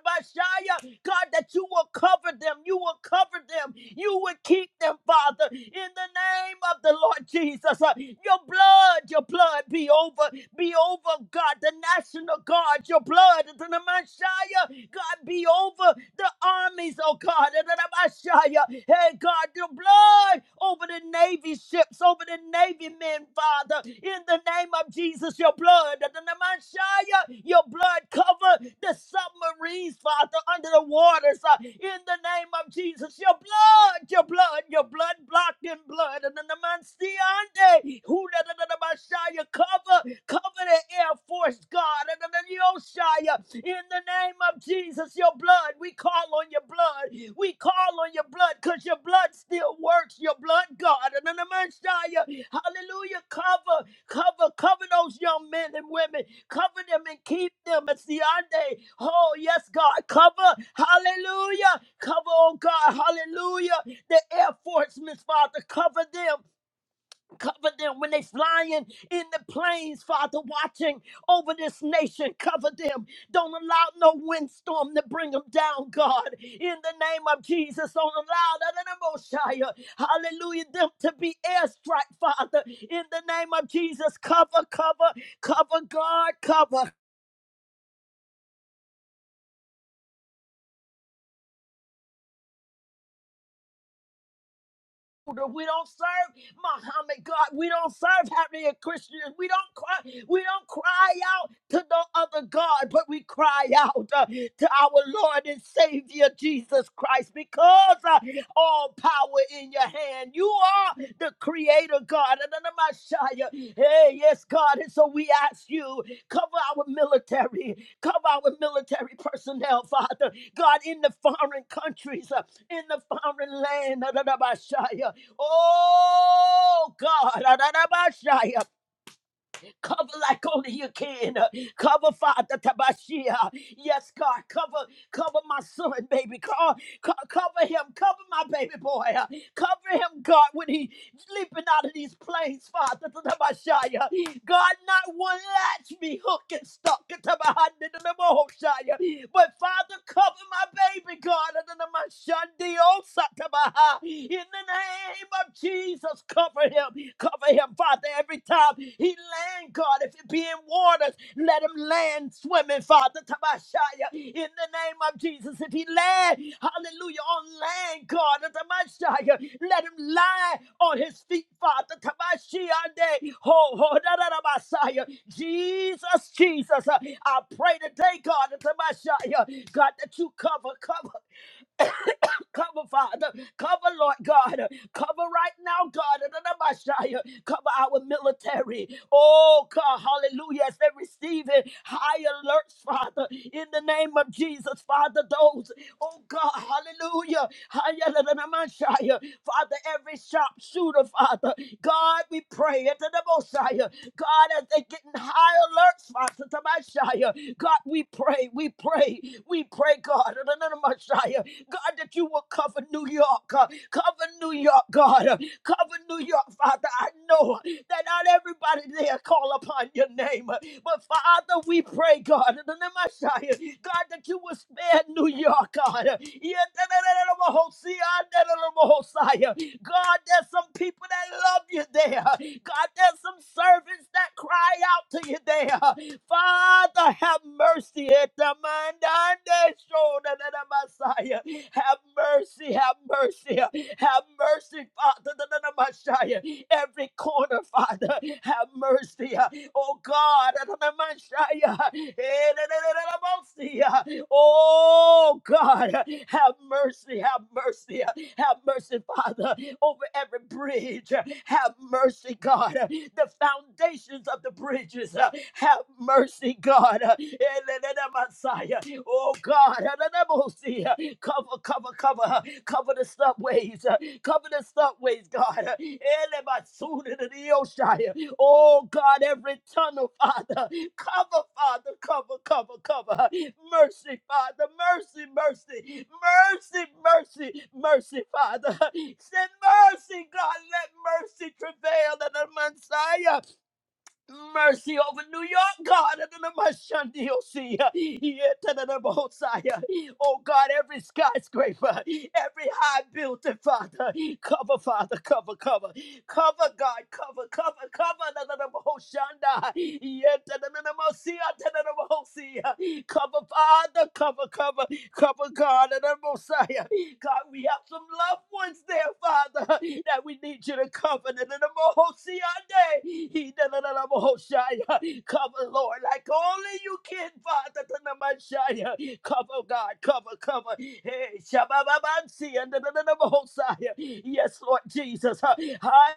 Speaker 1: God, that you will cover them, you will cover them, you will keep them, Father, in the name of the Lord Jesus. Uh, Your blood, your blood be over, be over, God, the national guard, your blood, the Messiah, God, be over the armies, oh God, the Messiah. Hey, God, your blood over the Navy ships, over the Navy men, Father. In the name of Jesus, your blood. The Namashaya, your blood cover the submarines, Father, under the waters. uh, In the name of Jesus, your blood, your blood, your blood blocked in blood. And the Namansiande, who the Namashaya cover, cover the Air Force, God. And the Yoshaya, in the name of Jesus, your blood, we call on your blood. We call on your blood because your blood still works. Your blood, God. And in the Messiah, hallelujah, cover, cover, cover those young men and women. Cover them and keep them. It's the day. Oh, yes, God. Cover, hallelujah. Cover, oh God, hallelujah. The Air Force, Miss Father, cover them. Cover them when they flying in the planes, Father, watching over this nation. Cover them. Don't allow no windstorm to bring them down, God. In the name of Jesus, don't allow that in the Mosiah. Hallelujah. Them to be airstrike, Father. In the name of Jesus, cover, cover, cover, God, cover. We don't serve Muhammad God. We don't serve happening Christians. We don't cry. We don't cry out to no other God, but we cry out uh, to our Lord and Savior Jesus Christ because uh, all power in your hand. You are the Creator God. And then my Shia, Hey, yes, God. And so we ask you cover our military, cover our military personnel, Father. God, in the foreign countries, uh, in the foreign land. And then my Shia, Oh God, Adonabashaya. cover like only you can. Cover Father Tabashia. Yes, God, cover, cover my son, baby. Co- co- cover him, cover my baby boy. Cover him, God, when he leaping out of these planes, Father. Tatabashaya. God, not one latch me hooked and stuck. Tatabahadidadabahoshaya. But Father, cover my baby, God. Tatamashandiosatabah. In the name of Jesus, cover him. Cover him, Father, every time he land, God. If it be in waters, Jesus. Let him land swimming, Father Tabashaya, in the name of Jesus. If he land, hallelujah, on land, God Tabashaya, let him lie on his feet, Father Tabashia. Ho, ho, da, da, da, Messiah. Jesus, Jesus, uh, I pray today, God Tabashaya, God, that you cover, cover. cover, Father. Cover, Lord God. Cover right now, God. under the Messiah. Cover our military. Oh, God. Hallelujah. As they're receiving high alerts, Father. In the name of Jesus, Father, those. Oh, God. Hallelujah. Higher than the Messiah. Father, every sharpshooter, Father. God, we pray. Into the Messiah. God, as they're getting high alerts, Father, to Messiah. God, we pray. We pray. We pray, God. Under the Messiah. God, that you will cover New York, uh, cover New York, God, uh, cover New York, Father. I know that not everybody there call upon your name, uh, but Father, we pray, God, in the Namasaya. God, that you will spare New York, God, yeah, the little Hosea, the little Hosea. God, there's some people that love you there. God, there's some servants that cry out to you there. Father, have mercy. Etamandande shoda da da Messiah. Have mercy, have mercy, have mercy, Father, da Messiah. Every corner, Father, have mercy. Oh God, da Messiah. Eh, da Oh God, have mercy, have mercy. Have mercy, Father, over every bridge. Have mercy, God. The foundations of the bridges. Have mercy, God. Messiah. Oh, God. Cover, cover, cover. Cover the subways. Cover the subways, God. Elebasunidiosha. Oh God, every tunnel, Father, cover, Father, cover, cover, cover. Mercy, Father, mercy, mercy, mercy, mercy, mercy, Father. Send mercy, God. Let mercy travail in the Messiah. Mercy over New York, God. Adonamashandi-osi. Yetadadabahosaya. Oh, God, every skyscraper, every high building, Father. Cover, Father, cover, cover. Cover, God, cover, cover, cover. Adonamahoshanda. Yetadadadamasi, Adonamahosi. Cover, Father, cover, cover. Cover God and the Messiah. God, we have some loved ones there, Father, that we need you to cover. And the Mohosiande, he the Mohosiah. Cover, Lord, like only you can, Father, to the Messiah. Cover, God, cover, cover. Hey, Shabababansi, and the Mohosiah. Yes, Lord Jesus. High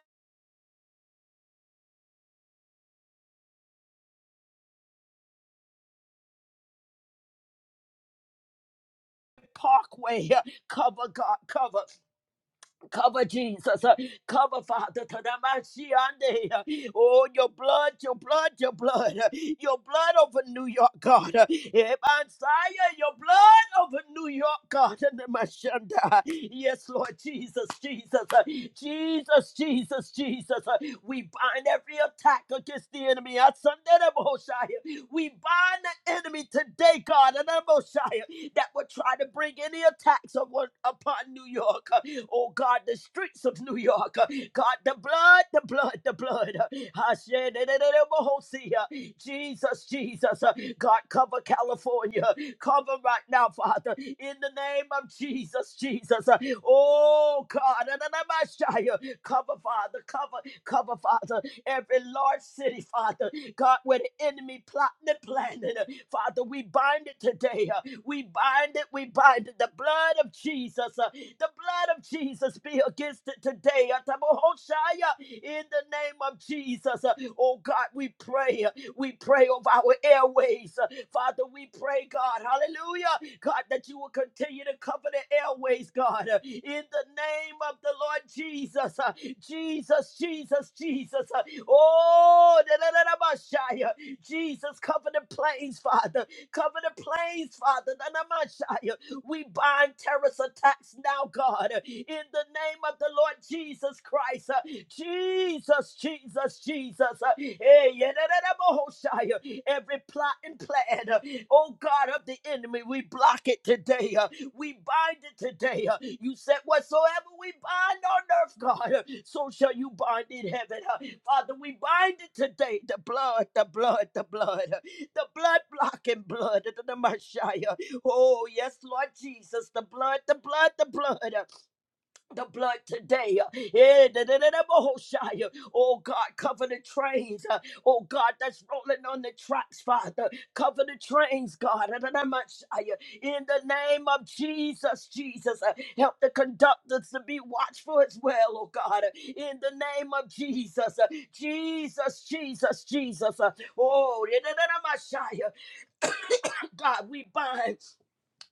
Speaker 1: Parkway, cover, God, cover. Cover Jesus, uh, cover Father Tadamashiande. uh, Oh, your blood, your blood, your blood, uh, your blood over New York, God. uh, Ebansaya, Your blood over New York, God. Tadamashanda. Yes, Lord Jesus, Jesus, uh, Jesus, Jesus, Jesus. uh, We bind every attack against the enemy. Asandere Bohoshaya. We bind the enemy today, God, and the Messiah that would try to bring any attacks upon, upon New York. Oh, God, the streets of New York. God, the blood, the blood, the blood. Jesus, Jesus. God, cover California. Cover right now, Father, in the name of Jesus, Jesus. Oh, God, cover, Father, cover, cover, Father every large city, Father. God, where the enemy plotting and planning. uh, Father, we bind it today. uh, We bind it. We bind it. The blood of Jesus. uh, The blood of Jesus be against it today. uh, Tabohoshaya, In the name of Jesus. uh, Oh God, we pray. uh, We pray over our airways. uh, Father, we pray, God, hallelujah, God, that you will continue to cover the airways, God, uh, in the name of the Lord Jesus, uh, Jesus, Jesus, Jesus, uh, oh, da- da- da- da- ba- shai, uh, Jesus, cover the planes, Father, cover the planes, Father, da- da- ma- shai, uh, we bind terrorist attacks now, God, uh, in the name of the Lord Jesus Christ. uh, Jesus, Jesus, Jesus. Uh, eh, yeah, uh, Every plot and plan, uh, oh God of the enemy, we block it today. uh, We bind it today. uh, You said, Whatsoever we bind on earth, God, uh, so shall you bind in heaven. uh, Father, we bind it today. The blood, the blood, the blood, uh, the blood blocking blood. uh, The the Oh, yes, Lord Jesus, the blood, the blood, the blood. uh, the blood today. Eh, da, da, da, da, Bahoshai. Oh God, cover the trains. uh, Oh God, that's rolling on the tracks, Father. Cover the trains, God. Da, da, da, Mashai. In the name of Jesus, Jesus, uh, help the conductors to be watchful as well, oh God. In the name of Jesus, uh, Jesus, Jesus, Jesus. uh, Oh, da, da, da, da, Mashai. God, we bind.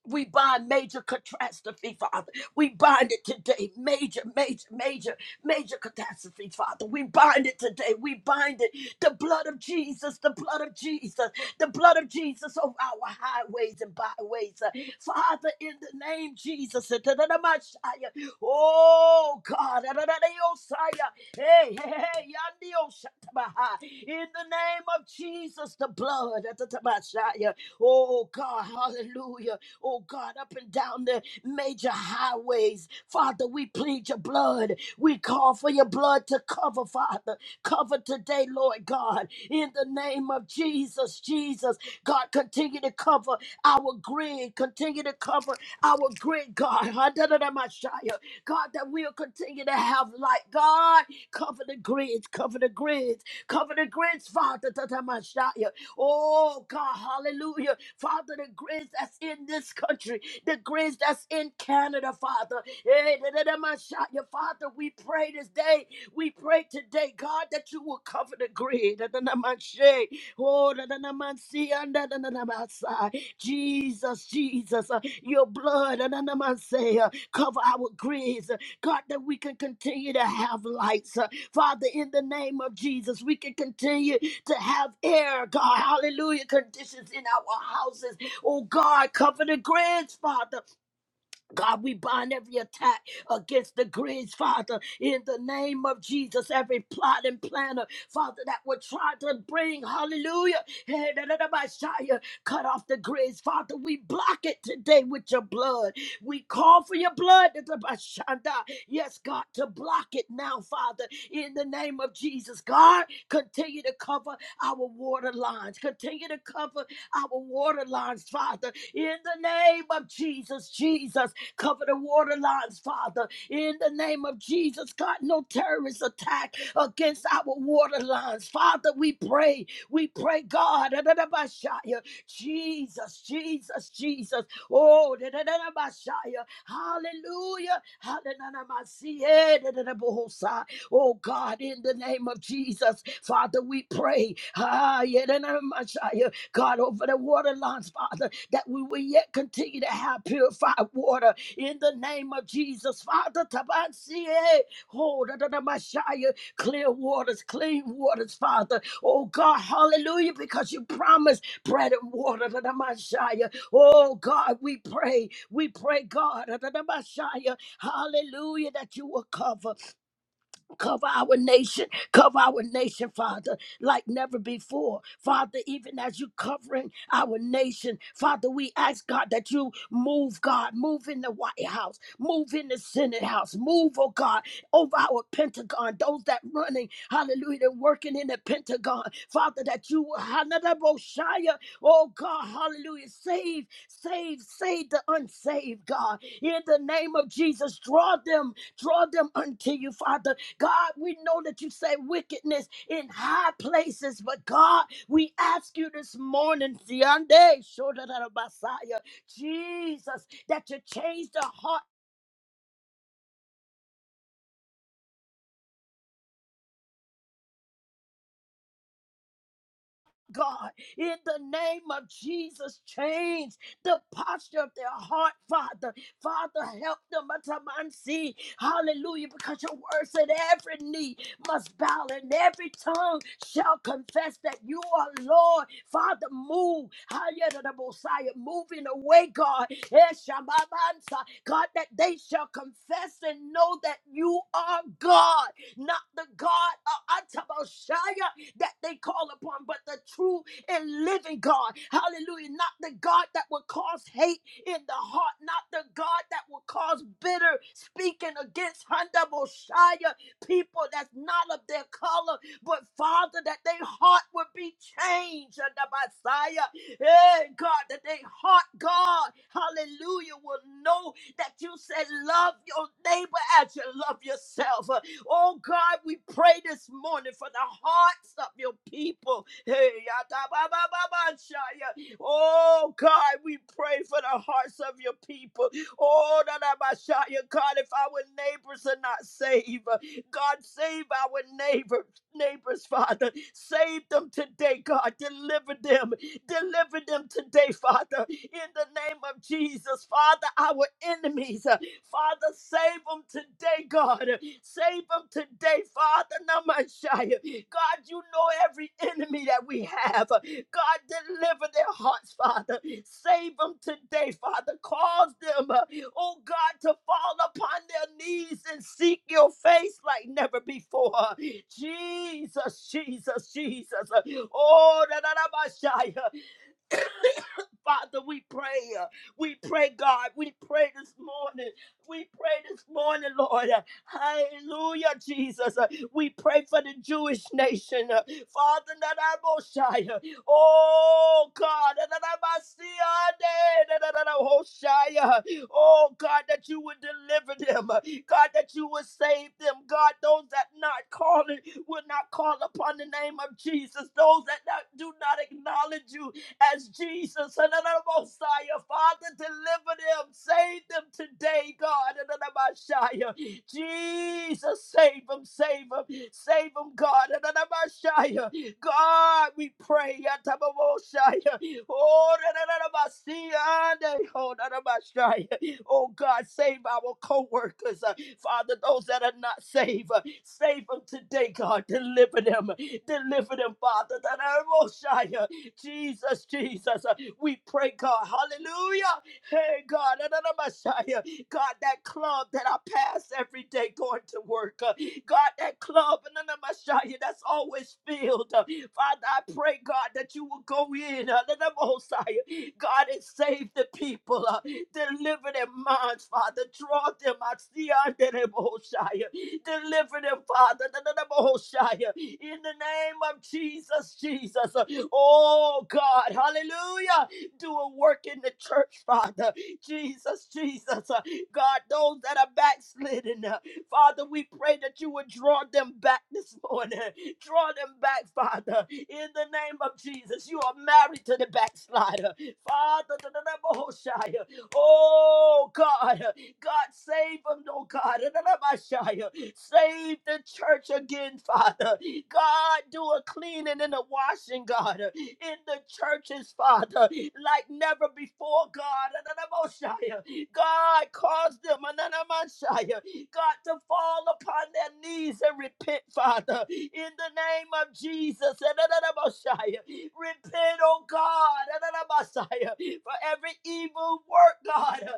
Speaker 1: We bind major catastrophe, Father. We bind it today. Major, major, major, major catastrophe, Father. We bind it today. We bind it. The blood of Jesus, the blood of Jesus, the blood of Jesus over our highways and byways. Uh, Father, in the name Jesus. uh, da- da- da- ma- shia. Oh, God. da- da- da- da- yo- shia. Hey, hey, hey. yandi- yo- shata- ba- ha. In the name of Jesus, the blood. da- da- da- ma- shia. Oh God, hallelujah. Oh God, up and down the major highways. Father, we plead your blood. We call for your blood to cover, Father. Cover today, Lord God, in the name of Jesus, Jesus. God, continue to cover our grid. Continue to cover our grid, God. Ha-da-da-da-ma-shia. God, that we'll continue to have light. God, cover the grids, cover the grids, cover the grids, Father. Da-da-ma-shia. Oh God, hallelujah. Father, the grace that's in this country, the grace that's in Canada, Father. Eh, da, da, da, my shot. Your Father, we pray this day. We pray today, God, that you will cover the grid. Da, da, da, my shay. Oh, da, da, da, my sea, and da, da, da, da, my side. Jesus, Jesus, uh, your blood, da, da, da, my say, uh, cover our grids. uh, God, that we can continue to have lights. uh, Father, in the name of Jesus, we can continue to have air, God. Hallelujah. Conditions in our houses. Oh, God, cover the grands, Father. God, we bind every attack against the Greens, Father, in the name of Jesus. Every plot and planner, Father, that would try to bring, hallelujah, hey, da, da, da, ba, shia, cut off the Greens, Father, we block it today with your blood. We call for your blood, da, da, ba, shanda. yes, God, to block it now, Father, in the name of Jesus. God, continue to cover our water lines, continue to cover our water lines, Father, in the name of Jesus, Jesus. Cover the water lines, Father. In the name of Jesus, God, no terrorist attack against our water lines. Father, we pray. We pray, God. Jesus, Jesus, Jesus. Oh, hallelujah. Hallelujah. Oh, God, in the name of Jesus, Father, we pray. Ah, God, over the water lines, Father, that we will yet continue to have purified water in the name of Jesus. Father, Tabansie, oh, da, da, da, Messiah, clear waters, clean waters, Father. Oh, God, hallelujah, because you promised bread and water, da, da, Messiah. Oh, God, we pray, we pray, God, da, da, da, Messiah, hallelujah, that you will cover. Cover our nation, cover our nation, Father, like never before. Father, even as you covering our nation, Father, we ask God that you move, God, move in the White House, move in the Senate House, move, oh God, over our Pentagon, those that running, hallelujah, they're working in the Pentagon, Father, that you, will, hallelujah, oh God, hallelujah, save, save, save the unsaved, God, in the name of Jesus, draw them draw them unto you, Father. God, we know that you say wickedness in high places, but God, we ask you this morning, Ziande, Shodanabasaya, Jesus, that you change the heart God, in the name of Jesus, change the posture of their heart, Father. Father, help them, Atamansi. Hallelujah, because your word said every knee must bow and every tongue shall confess that you are Lord. Father, move. Hayadadabosaya, Moving away, God. Eshababansa. God, that they shall confess and know that you are God, not the God of Ataboshaya that they call upon, but the true and living God. Hallelujah. Not the God that will cause hate in the heart, not the God that will cause bitter speaking against Honda Mosiah, people that's not of their color, but Father, that their heart would be changed under Messiah. Hey, God, that their heart, God, hallelujah, will know that you said, Love your neighbor as you love yourself. Oh God, we pray this morning for the hearts of your people. Hey, yatabababashaya. Oh God, we pray for the hearts of your people. Oh, dadabashaya. God, if our neighbors are not saved, uh, God, save our neighbor, neighbors, Father. Save them today, God. Deliver them. Deliver them today, Father. In the name of Jesus, Father, our enemies. Father, save them today, God. Save them today, Father. Namashaya. God, you know every enemy that we have. God, deliver their hearts, Father. Save them today, Father. Cause them, uh, oh God, to fall upon their knees and seek your face like never before. Jesus, Jesus, Jesus. Oh, da, da, da, Messiah. Father, we pray. uh, We pray, God. We pray this morning. We pray this morning, Lord. uh, Hallelujah, Jesus. Uh, We pray for the Jewish nation. uh, Father, that I most high. uh, Oh, God. that I must see, uh, that- that- that I most high, uh, Oh, God, that you would deliver them. uh, God, that you would save them. God, those that not calling will not call upon the name of Jesus. Those that not, do not acknowledge you as Jesus. and then the Messiah. Father, deliver them, save them today, God. and then the Messiah. Jesus, save them, save them, save them, God. and then the Messiah. God, we pray. and then the Messiah. Oh, and then the Messiah, and the- oh, and the Messiah. Oh, God, save our co workers. Father, those that are not saved, uh, save them today, God. Deliver them. Deliver them, Father. That are most shy. Jesus, Jesus. Uh, We pray, God, hallelujah. Hey, God, another Messiah. God, that club that I pass every day going to work. uh, God, that club, another Messiah, that's always filled. uh, Father, I pray, God, that you will go in, uh, another Messiah. God, and save the people. uh, Deliver their minds, Father. Draw them out. See, another Messiah. Deliver them, Father. Another Messiah. In the name of Jesus, Jesus. uh, Oh God, hallelujah. Do a work in the church, Father. Jesus, Jesus. Uh, God, those that are backslidden, uh, Father, we pray that you would draw them back this morning. Draw them back, Father, in the name of Jesus. You are married to the backslider. Father, the Oh God, God save them, oh God. Save the church again, Father. God, do a cleaning and a washing, God, in the churches, Father, like never before, God. God, cause them, God, to fall upon their knees and repent, Father, in the name of Jesus. Repent, oh God, for every evil work, God.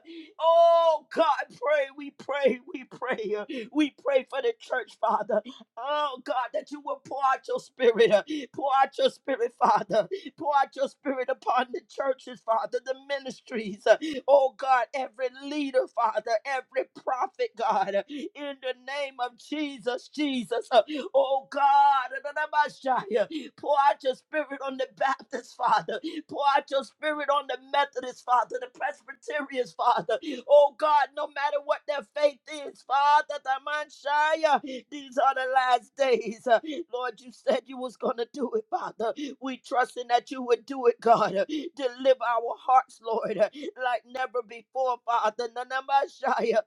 Speaker 1: Oh God, pray, we pray, we pray. We pray for the church, Father. Oh God, that you will pour out your spirit, uh, pour out your spirit, Father, pour out your spirit upon the churches, Father, the ministries. uh, Oh God, every leader, Father, every prophet, God, uh, in the name of Jesus, Jesus. uh, Oh God, pour out your spirit on the Baptist, Father. Pour out your spirit on the Methodists, Father, the Presbyterians, Father. Oh God, no matter what their faith is, Father, the Manshaya, these are the last days. Uh, Lord, you said you was gonna do it, Father. We trusting that you would do it, God. Uh, Deliver our hearts, Lord, uh, like never before, Father. Nanamashaya.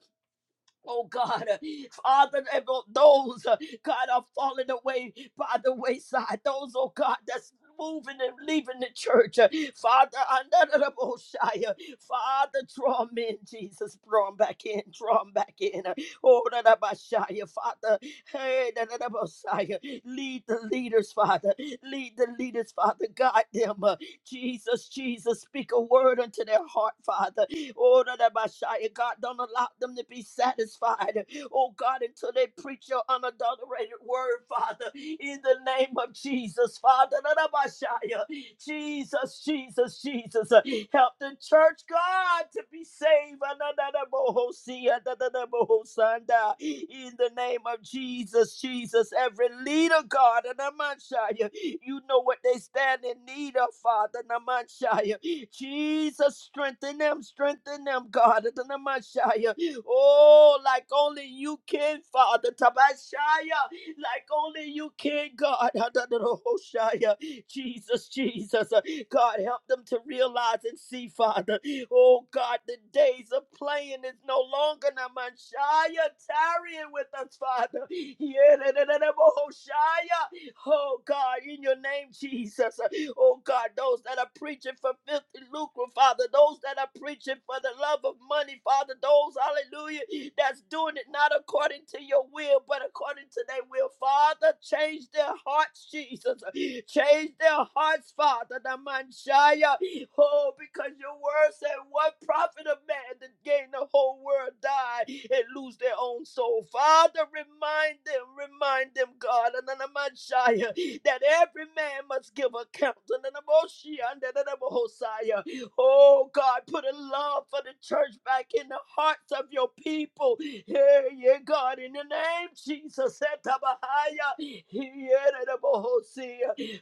Speaker 1: Oh God, uh, Father, those uh, God are falling away by the wayside. Those, oh God, that's moving and leaving the church. Uh, Father, Anadaraboshaya. Father, draw 'em in, Jesus. draw them back in, draw them back in. Uh, Oh, Dadabashaya, Father, hey, Dadabashaya. lead the leaders, Father. Lead the leaders, Father. God them. Jesus, Jesus, speak a word unto their heart, Father. Oh, da- da- ba- shia. God, don't allow them to be satisfied. Oh, God, until they preach your unadulterated word, Father, in the name of Jesus, Father. That by Shia, Jesus, Jesus, Jesus. uh, Help the church, God, to be saved. Anadadabohosi, adadadabohosanda. In the name of Jesus, Jesus, every leader, God, Anamanshaya, you know what they stand in need of, Father, Anamanshaya. Jesus, strengthen them, strengthen them, God, Anamanshaya. Oh, like only you can, Father, Tabashaya, like only you can, God, Adadadohoshaya. Jesus, Jesus. Uh, God, help them to realize and see, Father. Oh, God, the days of playing is no longer Namashaya tarrying with us, Father. Yeah, da, da, da, da, Oh, Shia. Oh, God, in your name, Jesus. Uh, Oh God, those that are preaching for filthy lucre, Father, those that are preaching for the love of money, Father, those, hallelujah, that's doing it not according to your will, but according to their will. Father, change their hearts, Jesus. Change their hearts, Father. The man Shaya. Oh, because your word said, What profit of man to gain the whole world, die, and lose their own soul? Father, remind them, remind them, God, Ananamashaya, that every man must give account. Ananamoshi, Ananamohosaya. Oh, God, put a love for the church back in the hearts of your people. Yeah, yeah, God, in the name of Jesus. Etabahaya, Hieranamohosia.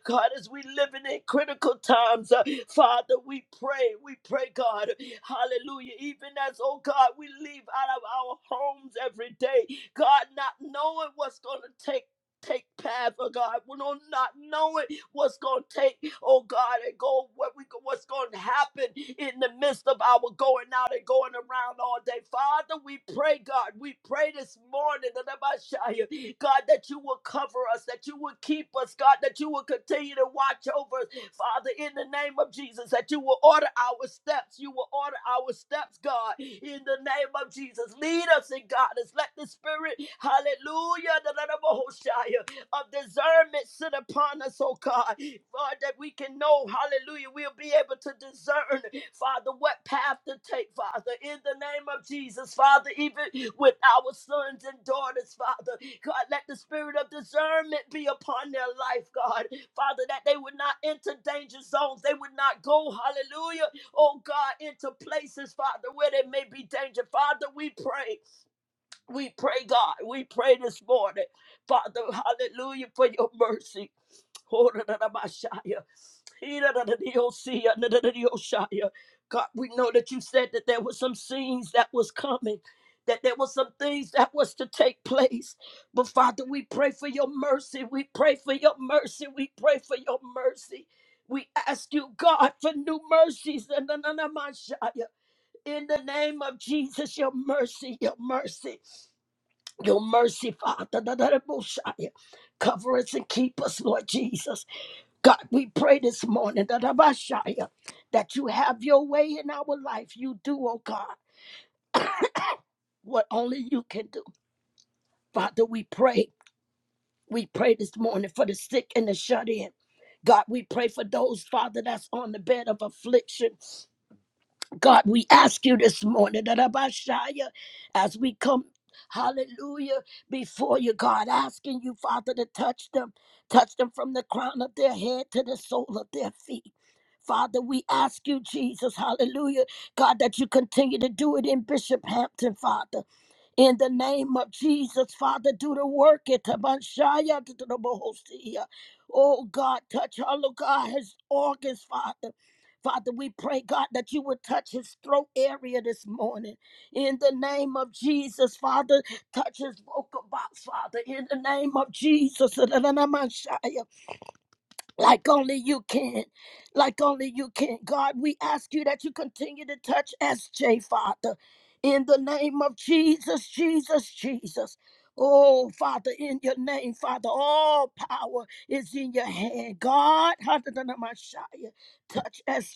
Speaker 1: God, as we live in critical times, uh, Father, we pray, we pray, God, hallelujah, even as, oh God, we leave out of our homes every day, God, not knowing what's going to take. Take path, oh God. We don't not knowing what's going to take, oh God, and go what we what's going to happen in the midst of our going out and going around all day. Father, we pray, God, we pray this morning that I shall hear, God that you will cover us, that you will keep us, God, that you will continue to watch over us, Father, in the name of Jesus, that you will order our steps, you will order our steps, God, in the name of Jesus. Lead us in God. Let the Spirit, hallelujah, of discernment sit upon us, oh God. Lord, that we can know, hallelujah, we'll be able to discern, Father, what path to take, Father, in the name of Jesus, Father, even with our sons and daughters, Father. God, let the spirit of discernment be upon their life, God. Father, that they would not enter danger zones. They would not go, hallelujah, oh God, into places, Father, where there may be danger. Father, we pray. We pray, God. We pray this morning. Father, hallelujah, for your mercy. God, we know that you said that there were some scenes that was coming, that there were some things that was to take place. But Father, we pray for your mercy. We pray for your mercy. We pray for your mercy. We ask you, God, for new mercies. In the name of Jesus, your mercy, your mercy. Your mercy, Father, da- da- da- bushaya. cover us and keep us, Lord Jesus. God, we pray this morning da- da- bashaya, that you have your way in our life. You do, oh God, what only you can do. Father, we pray. We pray this morning for the sick and the shut in. God, we pray for those, Father, that's on the bed of affliction. God, we ask you this morning that Abashaya, as we come, hallelujah, before you, God, asking you, Father, to touch them, touch them from the crown of their head to the sole of their feet. Father, we ask you, Jesus, hallelujah, God, that you continue to do it in Bishop Hampton, Father. In the name of Jesus, Father, do the work. It Tabanshaya to the Bohosia. Oh God, touch all of God, his organs, Father. Father, we pray, God, that you would touch his throat area this morning. In the name of Jesus, Father, touch his vocal box, Father. In the name of Jesus. like only you can. Like only you can. God, we ask you that you continue to touch SJ, Father, in the name of Jesus, Jesus, Jesus. Oh, Father, in your name, Father, all power is in your hand. God, touch SJ,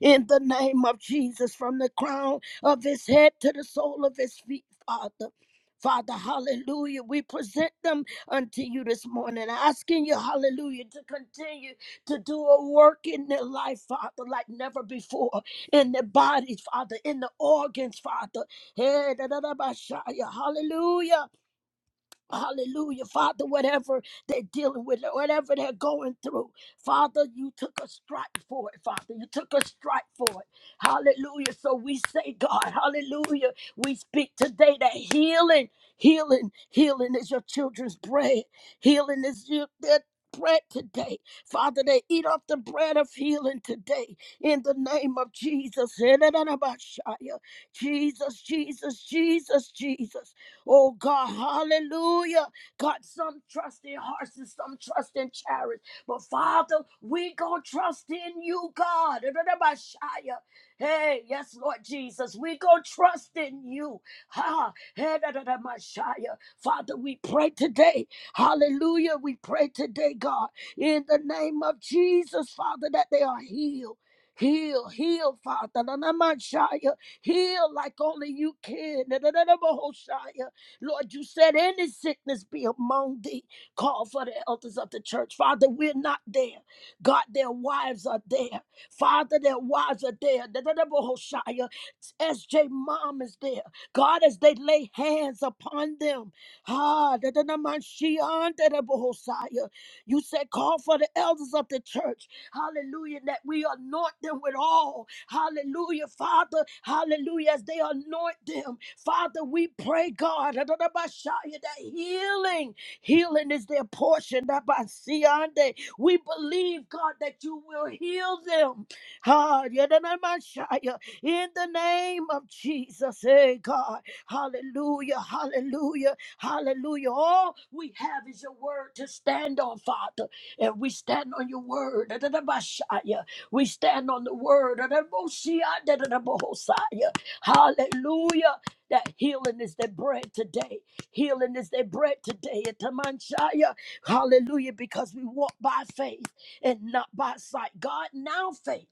Speaker 1: In the name of Jesus, from the crown of his head to the sole of his feet, Father. Father, hallelujah. We present them unto you this morning, asking you, hallelujah, to continue to do a work in their life, Father, like never before, in their bodies, Father, in the organs, Father. Hey, da, da, da, ba, sha, ya. Hallelujah. Hallelujah, Father, whatever they're dealing with, whatever they're going through, Father, you took a strike for it, Father. You took a strike for it. Hallelujah. So we say, God, hallelujah. We speak today that healing, healing, healing is your children's bread. Healing is your, their bread today. Father, they eat off the bread of healing today in the name of Jesus. Jesus, Jesus, Jesus, Jesus. Oh God, hallelujah. God, some trust in horses, some trust in chariots. But Father, we gonna trust in you, God. Ra-ra-ra-ba-shia. Hey, yes, Lord Jesus, we gonna trust in you. Ha, hey, ra-ra-ra-ma-shia. Father, we pray today. Hallelujah. We pray today, God, in the name of Jesus, Father, that they are healed. Heal, heal, Father. Ra-ra-ra-ma-shia. Heal like only you can. Ra-ra-ra-ra-ma-ho-shia. Lord, you said any sickness be among thee. Call for the elders of the church. Father, we're not there. God, their wives are there. Father, their wives are there. The Hoshaya, SJ mom is there. God, as they lay hands upon them. Ah, the Hoshaya. You said, call for the elders of the church. Hallelujah. That we anoint them with all. Hallelujah, Father. Hallelujah. As they anoint them, Father, we pray, God, that healing Healing is their portion. That by Siande, we believe, God, that you will heal them. Ah, yadadamashaya. In the name of Jesus, hey God. Hallelujah, hallelujah, hallelujah. All we have is your word to stand on, Father. And we stand on your word. Adonabashaya. We stand on the word. Adaboshia, Adonabahosaya. Hallelujah. That healing is their bread today. Healing is their bread today. Atamanshaya. Hallelujah. Because we walk by faith and not by sight. God, now faith.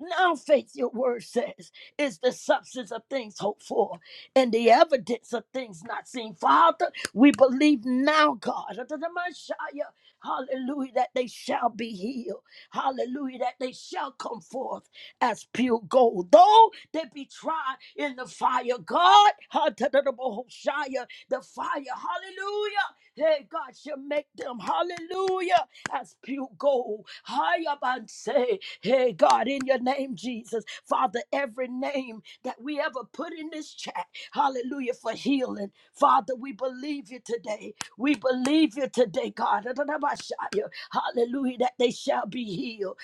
Speaker 1: Now, faith, your word says, is the substance of things hoped for and the evidence of things not seen. Father, we believe now, God. Itamanshaya. Hallelujah, that they shall be healed. Hallelujah, that they shall come forth as pure gold. Though they be tried in the fire, God, ha-ta-da-da-bo-ho-shia, the fire, hallelujah. Hey, God shall make them, hallelujah, as pure gold. Hiya, man, say, Hey, God, in your name, Jesus. Father, every name that we ever put in this chat, hallelujah, for healing. Father, we believe you today. We believe you today, God. Hallelujah, that they shall be healed.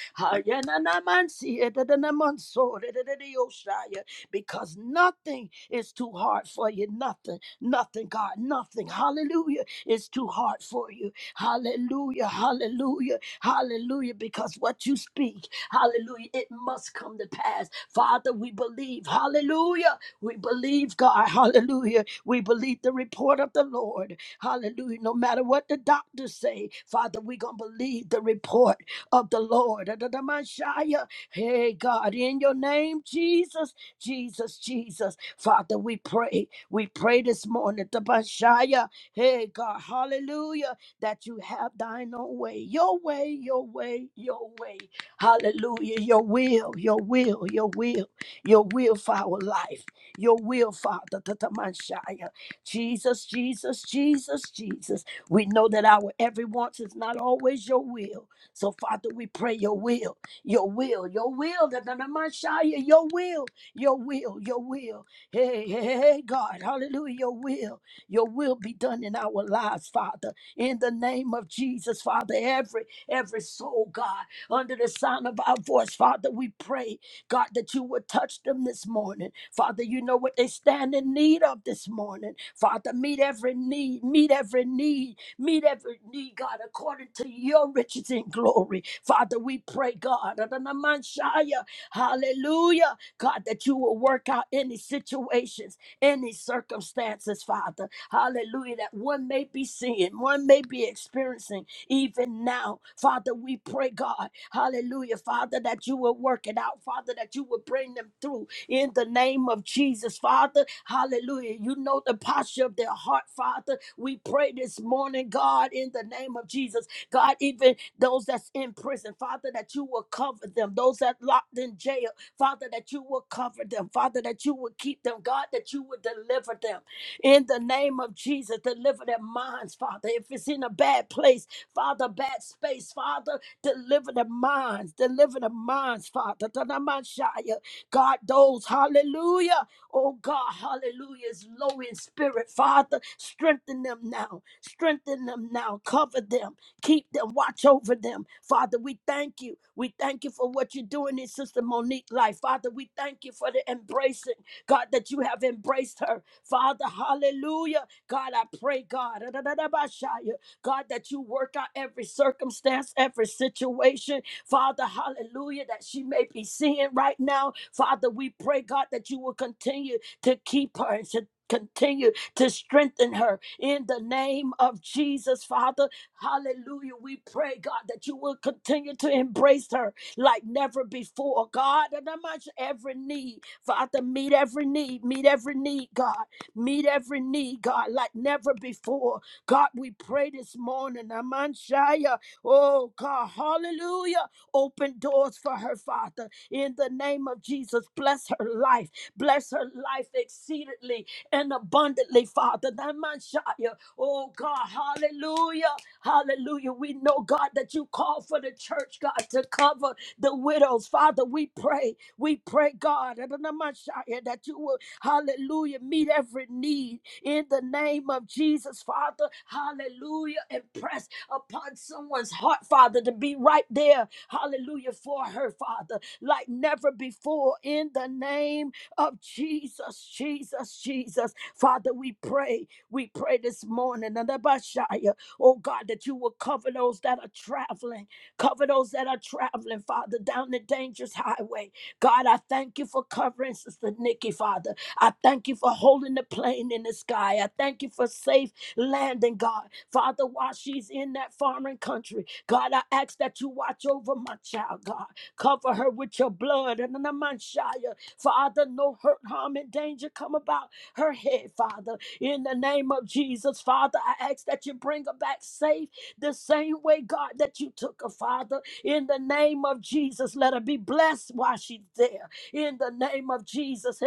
Speaker 1: Because nothing is too hard for you. Nothing, nothing, God, nothing. Hallelujah is too hard for you. Hallelujah, hallelujah, hallelujah. Because what you speak, hallelujah, it must come to pass. Father, we believe. Hallelujah. We believe, God. Hallelujah. We believe the report of the Lord. Hallelujah. No matter what the doctors say, Father, we're going to believe the report of the Lord. Adonamashaya. Hey, God, in your name, Jesus, Jesus, Jesus. Father, we pray. We pray this morning. Adonamashaya. Hey, God, hallelujah, that you have thine own way. Your way, your way, your way. Hallelujah. Your will, your will, your will, your will for our life. Your will, Father. Adonamashaya. Jesus, Jesus, Jesus, Jesus. We know that our every wants is not always your will. So, Father, we pray your will, your will, your will, that the Messiah, your will, your will, your will. Hey, hey, hey, hey, hey, God, hallelujah, your will, your will be done in our lives, Father. In the name of Jesus, Father, every, every soul, God, under the sound of our voice, Father, we pray. God, that you would touch them this morning. Father, you know what they stand in need of this morning. Father, meet every need, meet every need, meet every need, God, according to your riches in glory. Father, we pray, God, Adonamashaya, hallelujah, God, that you will work out any situations, any circumstances, Father, hallelujah, that one may be seeing, one may be experiencing even now. Father, we pray, God, hallelujah, Father, that you will work it out, Father, that you will bring them through in the name of Jesus, Father, hallelujah. You know the posture of their heart, Father. We pray this morning, God, in the name of Jesus, God, even those that's in prison, Father, that you will cover them, those that locked in jail, Father, that you will cover them, Father, that you will keep them, God, that you will deliver them. In the name of Jesus, deliver their minds, Father. If it's in a bad place, Father, bad space, Father, deliver their minds, deliver their minds, Father. Tanamashaya. God, those, hallelujah. Oh God, hallelujah, is low in spirit, Father. Strengthen them now, strengthen them now, cover them keep them, watch over them. Father, we thank you. We thank you for what you're doing in Sister Monique's life. Father, we thank you for the embracing. God, that you have embraced her. Father, hallelujah. God, I pray, God, God, that you work out every circumstance, every situation. Father, hallelujah, that she may be seeing right now. Father, we pray, God, that you will continue to keep her and to continue to strengthen her in the name of Jesus, Father. Hallelujah. We pray, God, that you will continue to embrace her like never before. God, and I am much every need, Father, meet every need, meet every need, God, meet every need, God, like never before. God, we pray this morning, Amanshaya. Oh, God, hallelujah. Open doors for her, Father, in the name of Jesus. Bless her life, bless her life exceedingly and abundantly, Father. That man Shia. Oh God, hallelujah. Hallelujah. We know, God, that you call for the church, God, to cover the widows. Father, we pray. We pray, God, that that man Shia, that you will, hallelujah, meet every need in the name of of Jesus, Father. Hallelujah. Impress upon someone's heart, Father, to be right there. Hallelujah. For her, Father, like never before. In the name of Jesus, Jesus, Jesus. Father, we pray. We pray this morning. and Abashaya, Oh God, that you will cover those that are traveling. Cover those that are traveling, Father, down the dangerous highway. God, I thank you for covering Sister Nikki, Father. I thank you for holding the plane in the sky. I thank you for safe landing, God. Father, while she's in that foreign country, God, I ask that you watch over my child, God. Cover her with your blood and the manshaya. Father, no hurt, harm, and danger come about her head, Father. In the name of Jesus, Father, I ask that you bring her back safe the same way, God, that you took her, Father. In the name of Jesus, let her be blessed while she's there in the name of Jesus.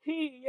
Speaker 1: He-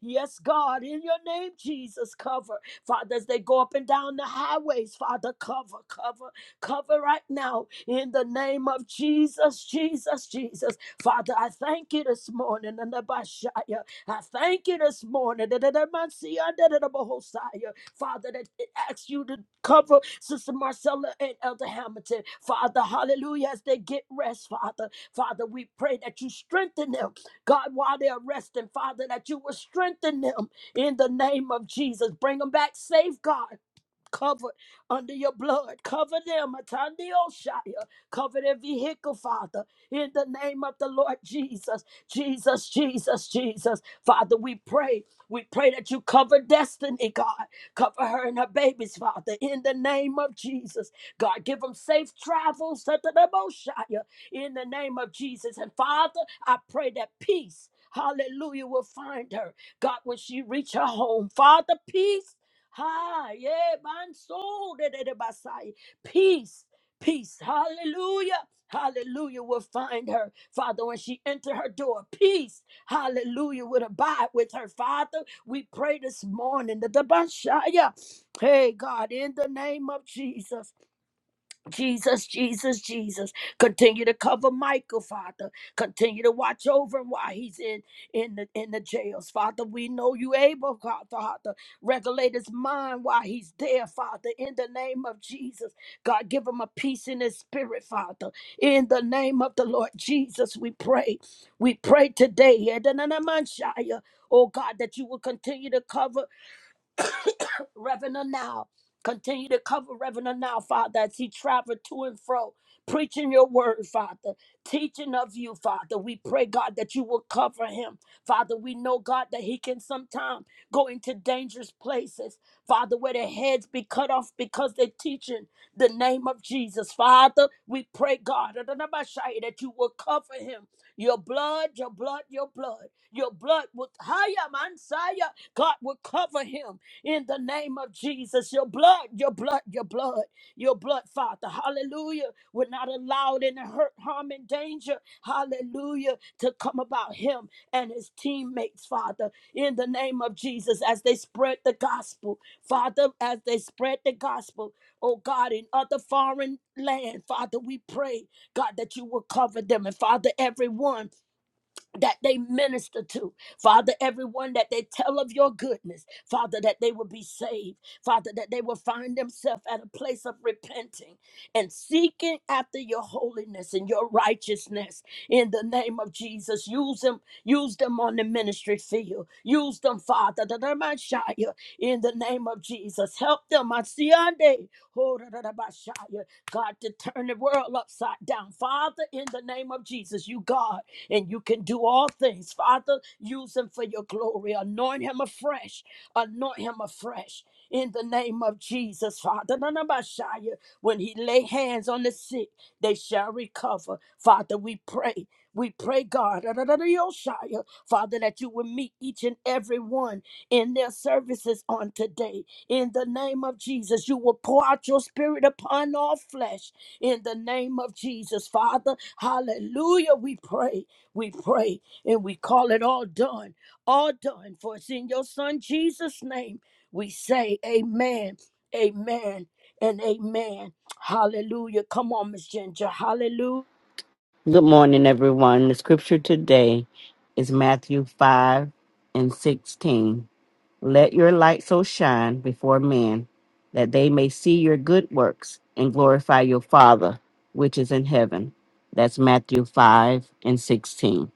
Speaker 1: Yes, God, in your name, Jesus, cover. Father, as they go up and down the highways, Father, cover, cover, cover right now in the name of Jesus, Jesus, Jesus. Father, I thank you this morning. Anabashaya. I thank you this morning. Erededemasiya. Erededebohosaya. Father, that it asks you to cover Sister Marcella and Elder Hamilton. Father, hallelujah, as they get rest, Father. Father, we pray that you strengthen them. God, while they're resting, Father, that you will strengthen them in the name of Jesus. Bring them back safe, God. Cover under your blood. Cover them, Atanioshaya. Cover every vehicle, Father, in the name of the Lord Jesus. Jesus, Jesus, Jesus. Father, we pray. We pray that you cover destiny, God. Cover her and her babies, Father, in the name of Jesus. God, give them safe travels, Atanioshaya, in the name of Jesus. And Father, I pray that peace, hallelujah, will find her. God, when she reach her home, Father, peace Ha, yeah, man, soul, de- de- de- basai. peace, peace, hallelujah, hallelujah, will find her, Father, when she enter her door, peace, hallelujah, will abide with her, Father, we pray this morning, that the Dabashaya, hey, God, in the name of Jesus, Jesus, Jesus, Jesus. Continue to cover Michael, Father. Continue to watch over him while he's in in the in the jails, Father. We know you able, God, Father. Regulate his mind while he's there, Father. In the name of Jesus, God, give him a peace in his spirit, Father. In the name of the Lord Jesus, we pray. We pray today, Edenanamanshaya, oh God, that you will continue to cover. Reverend now. Continue to cover Reverend now, Father, as he traveled to and fro, preaching your word, Father, teaching of you, Father. We pray, God, that you will cover him. Father, we know, God, that he can sometimes go into dangerous places, Father, where their heads be cut off because they're teaching the name of Jesus. Father, we pray, God, that you will cover him. Your blood, your blood, your blood, your blood with Haya Mansaya, God will cover him in the name of Jesus. Your blood, your blood, your blood, your blood, Father. Hallelujah. We're not allowed in the hurt, harm, and danger. Hallelujah. To come about him and his teammates, Father, in the name of Jesus, as they spread the gospel, Father, as they spread the gospel, oh God, in other foreign land, Father, we pray, God, that you will cover them. And Father, everyone that they minister to. Father, everyone that they tell of your goodness, Father, that they will be saved. Father, that they will find themselves at a place of repenting and seeking after your holiness and your righteousness in the name of Jesus. Use them, use them on the ministry field. Use them, Father, that they might shine in the name of Jesus. Help them. I see on day. Oh, da, da, da, ba, shine. God, to turn the world upside down. Father, in the name of Jesus, you God and you can do all things. Father, use him for your glory. Anoint him afresh. Anoint him afresh. In the name of Jesus, Father, none when he lay hands on the sick, they shall recover. Father, we pray. We pray, God, Yoshaya, Father, that you will meet each and every one in their services on today. In the name of Jesus, you will pour out your spirit upon all flesh. In the name of Jesus, Father, hallelujah, we pray. We pray and we call it all done, all done. For it's in your Son Jesus' name we say, Amen, Amen, and Amen. Hallelujah. Come on, Miss Ginger. Hallelujah.
Speaker 3: Good morning, everyone. The scripture today is Matthew 5 and 16. Let your light so shine before men that they may see your good works and glorify your Father which is in heaven. That's Matthew 5 and 16.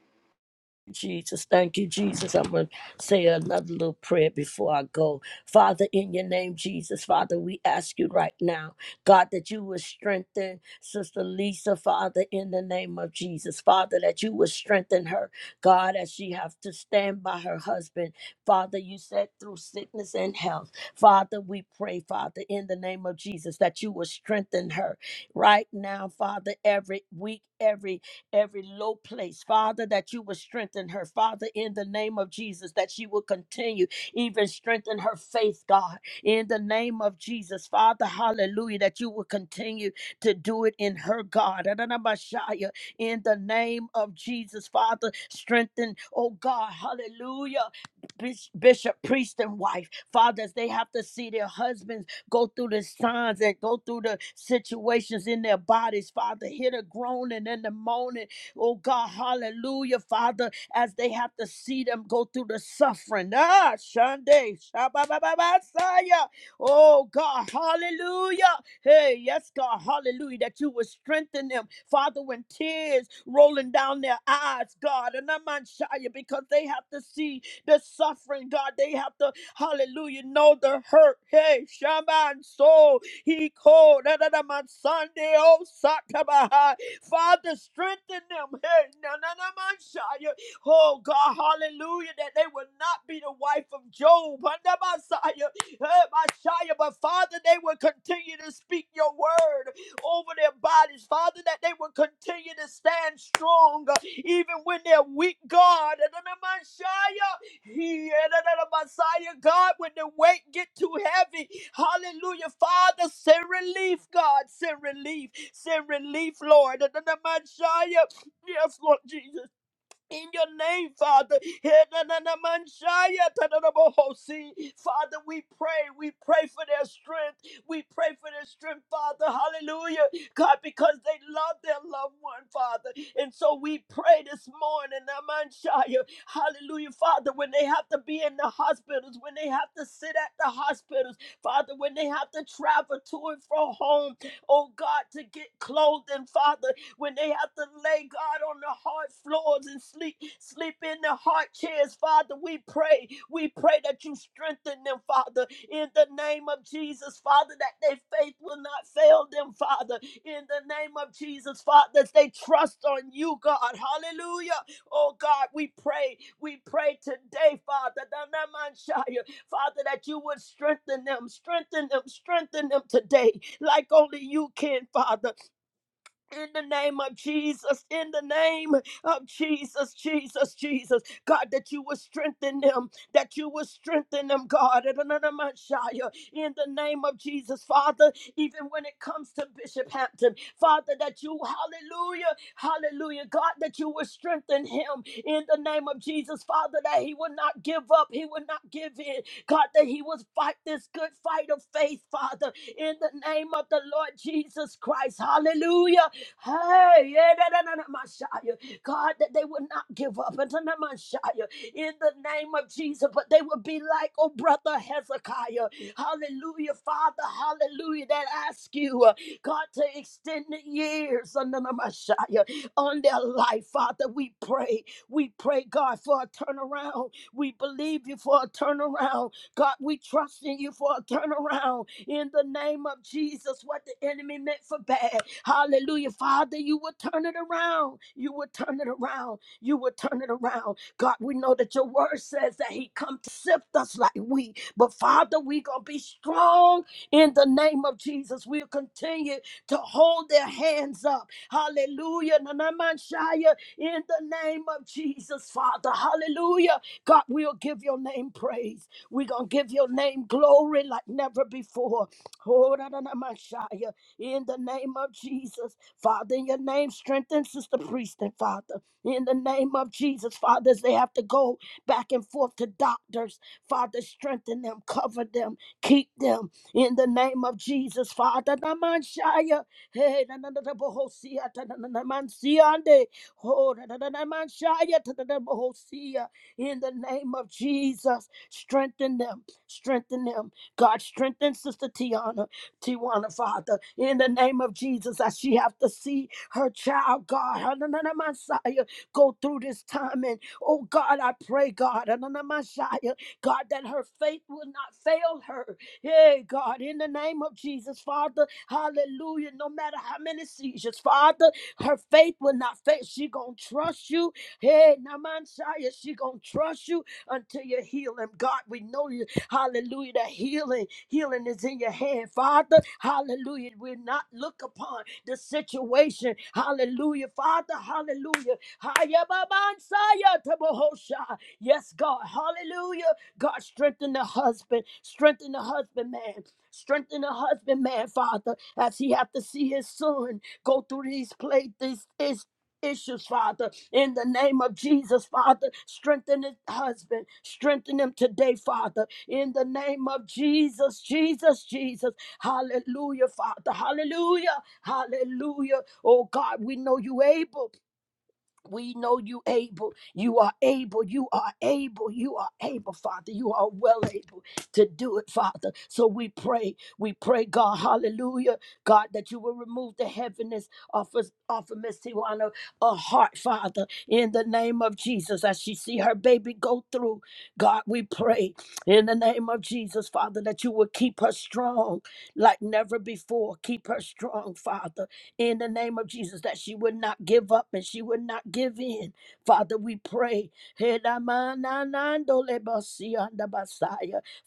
Speaker 1: Jesus. Thank you, Jesus. I'm going to say another little prayer before I go. Father, in your name, Jesus, Father, we ask you right now, God, that you will strengthen Sister Lisa, Father, in the name of Jesus. Father, that you will strengthen her, God, as she have to stand by her husband. Father, you said through sickness and health. Father, we pray, Father, in the name of Jesus, that you will strengthen her right now, Father, every week, every every low place. Father, that you will strengthen her. Father, in the name of Jesus, that she will continue, even strengthen her faith, God, in the name of Jesus. Father, hallelujah, that you will continue to do it in her, God. Adonabashaya, In the name of Jesus, Father, strengthen, oh God, hallelujah, Bis- bishop, priest, and wife. Fathers, they have to see their husbands go through the signs and go through the situations in their bodies, Father. Hear the groaning and the moaning. Oh God, hallelujah, Father, as they have to see them go through the suffering. Ah, Shande, Shabababasaya. Oh God, hallelujah. Hey, yes, God, hallelujah, that you would strengthen them, Father, when tears rolling down their eyes, God, and I'm on Shia, because they have to see the suffering, God. They have to Hallelujah. Know the hurt. Hey, Shaman soul. He called. Da, da, da, my Sunday. Oh, Sakabaha. Father, strengthen them. Hey, na, na, na, my Shia. Oh, God. Hallelujah. That they would not be the wife of Job. Under my Shia. Hey, my Shia. But Father, they would continue to speak your word over their bodies. Father, that they will continue to stand strong uh, even when they're weak, God. He Messiah God, when the weight get too heavy, hallelujah, Father, send relief, God, send relief, send relief, Lord, Messiah, yes, Lord Jesus in your name, Father. Henananamanshaya tadadabohosi. Father, we pray. We pray for their strength. We pray for their strength, Father. Hallelujah. God, because they love their loved one, Father. And so we pray this morning, Namanshaya. Hallelujah, Father, when they have to be in the hospitals, when they have to sit at the hospitals, Father, when they have to travel to and from home, oh God, to get clothed, and Father when they have to lay God on the hard floors and sleep, sleep in the hard chairs. Father, we pray. We pray that you strengthen them, Father, in the name of Jesus, Father, that their faith will not fail them, Father, in the name of Jesus, Father, that they trust on you, God. Hallelujah. Oh God, we pray. We pray today, Father, Danamanshaya, Father, that you would strengthen them, strengthen them, strengthen them today, like only you can, Father. In the name of Jesus, in the name of Jesus, Jesus, Jesus, God, that you will strengthen them, that you will strengthen them, God, in another Messiah, in the name of Jesus, Father, even when it comes to Bishop Hampton, Father, that you, hallelujah, hallelujah, God, that you will strengthen him in the name of Jesus, Father, that he will not give up, he will not give in, God, that he will fight this good fight of faith, Father, in the name of the Lord Jesus Christ, hallelujah. Hey, yeah, da, da, da, da, Messiah. God, that they would not give up until the Messiah in the name of Jesus, but they would be like, oh, brother Hezekiah. Hallelujah, Father, hallelujah. That ask you, uh, God, to extend the years under the Messiah on their life, Father. We pray, we pray, God, for a turnaround. We believe you for a turnaround. God, we trust in you for a turnaround in the name of Jesus what the enemy meant for bad. Hallelujah. Father, you will turn it around. You will turn it around. You will turn it around. God, we know that your word says that he come to sift us like wheat. But Father, we going to be strong in the name of Jesus. We'll continue to hold their hands up. Hallelujah. Nanamanshaya, In the name of Jesus, Father. Hallelujah. God, we'll give your name praise. We're going to give your name glory like never before. Oh, da, da, da, Messiah. In the name of Jesus, Father, in your name, strengthen Sister Priest and Father. In the name of Jesus, Father, as they have to go back and forth to doctors, Father, strengthen them, cover them, keep them. In the name of Jesus, Father, da, Messiah. Hey, da, da, da, da, Bohosia, da, da, da, da, Mansiande. Oh, da, da, da, da, Messiah, da, da, da, Bohosia. in the name of Jesus. Strengthen them. Strengthen them. God, strengthen Sister Tiana. Tiana, Father, in the name of Jesus, as she have to see her child, God, Hananana Messiah, go through this time. And oh God, I pray, God, Hananana Messiah, God, that her faith will not fail her. Hey, God, in the name of Jesus, Father, hallelujah. No matter how many seizures, Father, her faith will not fail. She gonna trust you. Hey, Naman Shaya, she gonna trust you until you heal him. God, we know you, hallelujah, that healing, healing is in your hand, Father, hallelujah. we not look upon the situation, hallelujah, Father, hallelujah. Hayababansaya tabohosha. Yes, God, hallelujah. God, strengthen the husband, strengthen the husband, man. Strengthen the husband, man, Father, as he have to see his son go through these play these these issues, Father. In the name of Jesus, Father, strengthen his husband. Strengthen him today, Father. In the name of Jesus, Jesus, Jesus. Hallelujah, Father. Hallelujah. Hallelujah. Oh God, we know you able. We know you able. You are able. You are able. You are able, Father. You are well able to do it, Father. So we pray. We pray, God, hallelujah, God, that you will remove the heaviness off of, off of Miss Tiwana, a heart, Father, in the name of Jesus. As she see her baby go through, God, we pray in the name of Jesus, Father, that you will keep her strong like never before. Keep her strong, Father in the name of Jesus, that she would not give up and she would not give in. Father, we pray.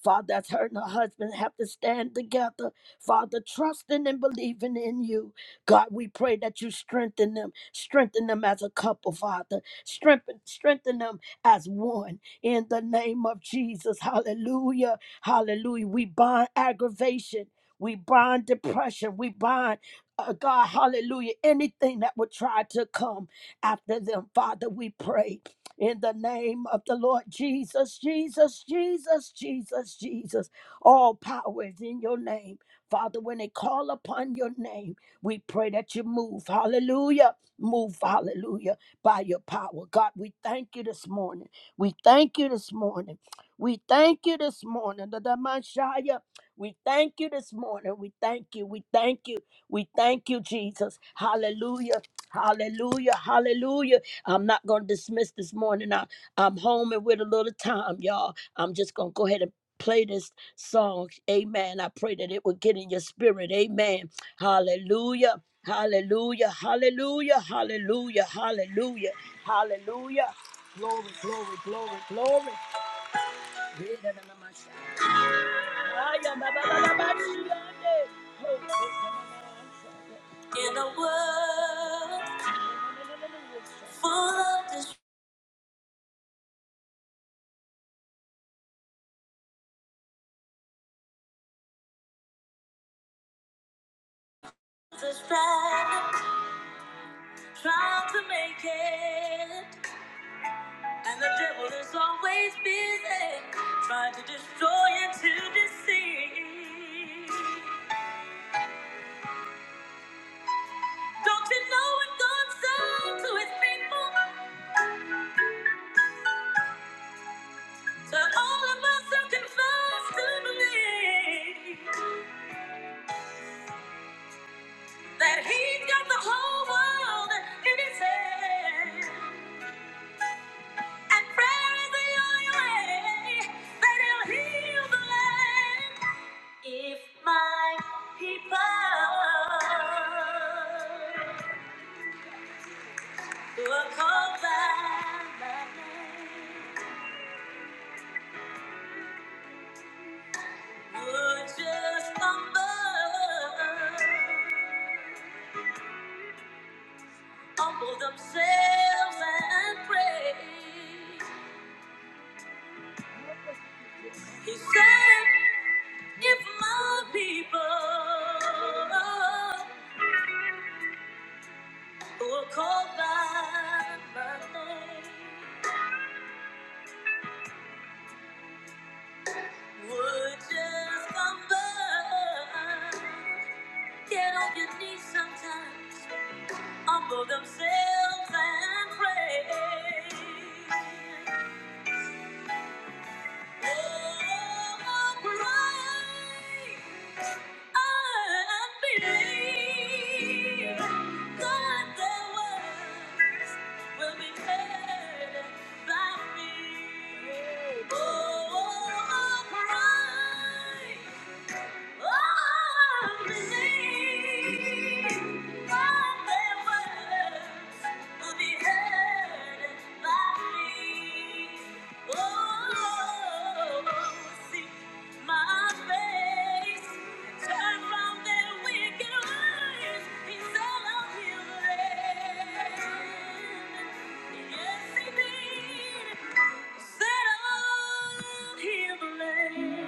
Speaker 1: Father, as her and her husband have to stand together, Father, trusting and believing in you. God, we pray that you strengthen them, strengthen them as a couple, Father, strengthen, strengthen them as one in the name of Jesus. Hallelujah. Hallelujah. We bind aggravation. We bind depression. We bind uh, God, hallelujah, anything that would try to come after them, Father, we pray in the name of the Lord Jesus, Jesus, Jesus, Jesus, Jesus. All power is in your name. Father, when they call upon your name, we pray that you move, hallelujah, move, hallelujah, by your power. God, we thank you this morning. We thank you this morning. We thank you this morning. The Damashaya, we thank you this morning. We thank you. We thank you. We thank you, Jesus. Hallelujah. Hallelujah. Hallelujah. I'm not going to dismiss this morning. I, I'm home and with a little time, y'all. I'm just going to go ahead and play this song. Amen. I pray that it will get in your spirit. Amen. Hallelujah. Hallelujah. Hallelujah. Hallelujah. Hallelujah. Hallelujah. Glory, glory, glory, glory. Yeah, na, na, na, ma, sha. Ah, yeah, na, na, na, na, ma, shi, ah, yeah. Oh, oh, na, na, na, na, ma, sha. In a world full of dis- distractions, trying to make it, and the devil is always busy trying to destroy and to deceive. Don't you know what God said to His people? To all of us who confess to believe that He's got the whole world in His hand. And prayer is the only way that he'll heal the land. If my people who are called by my name would just humble, humble themselves and pray, he said, if my people who are called by my name would just come back. Get on your knees sometimes, humble themselves and pray. Bye.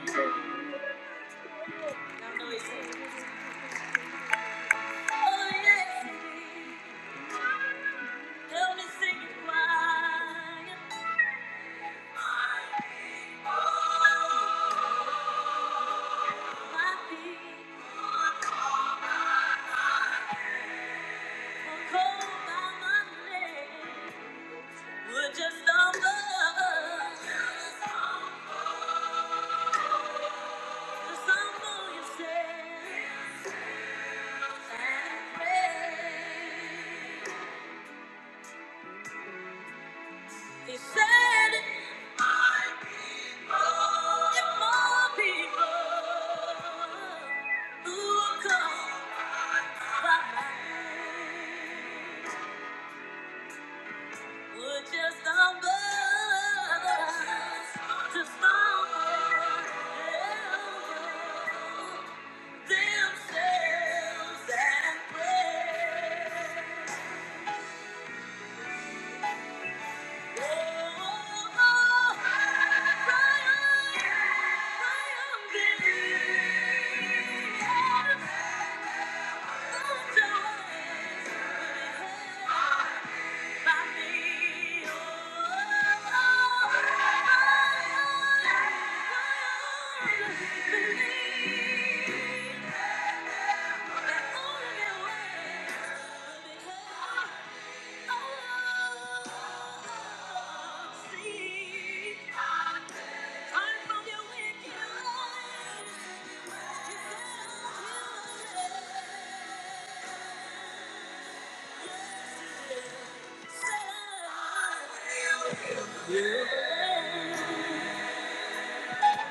Speaker 1: Settle here, land. Just stumble, just stumble yourself. He said, I If more people who come by would just unburden, just unburden themselves and pray. Thank you. Yeah.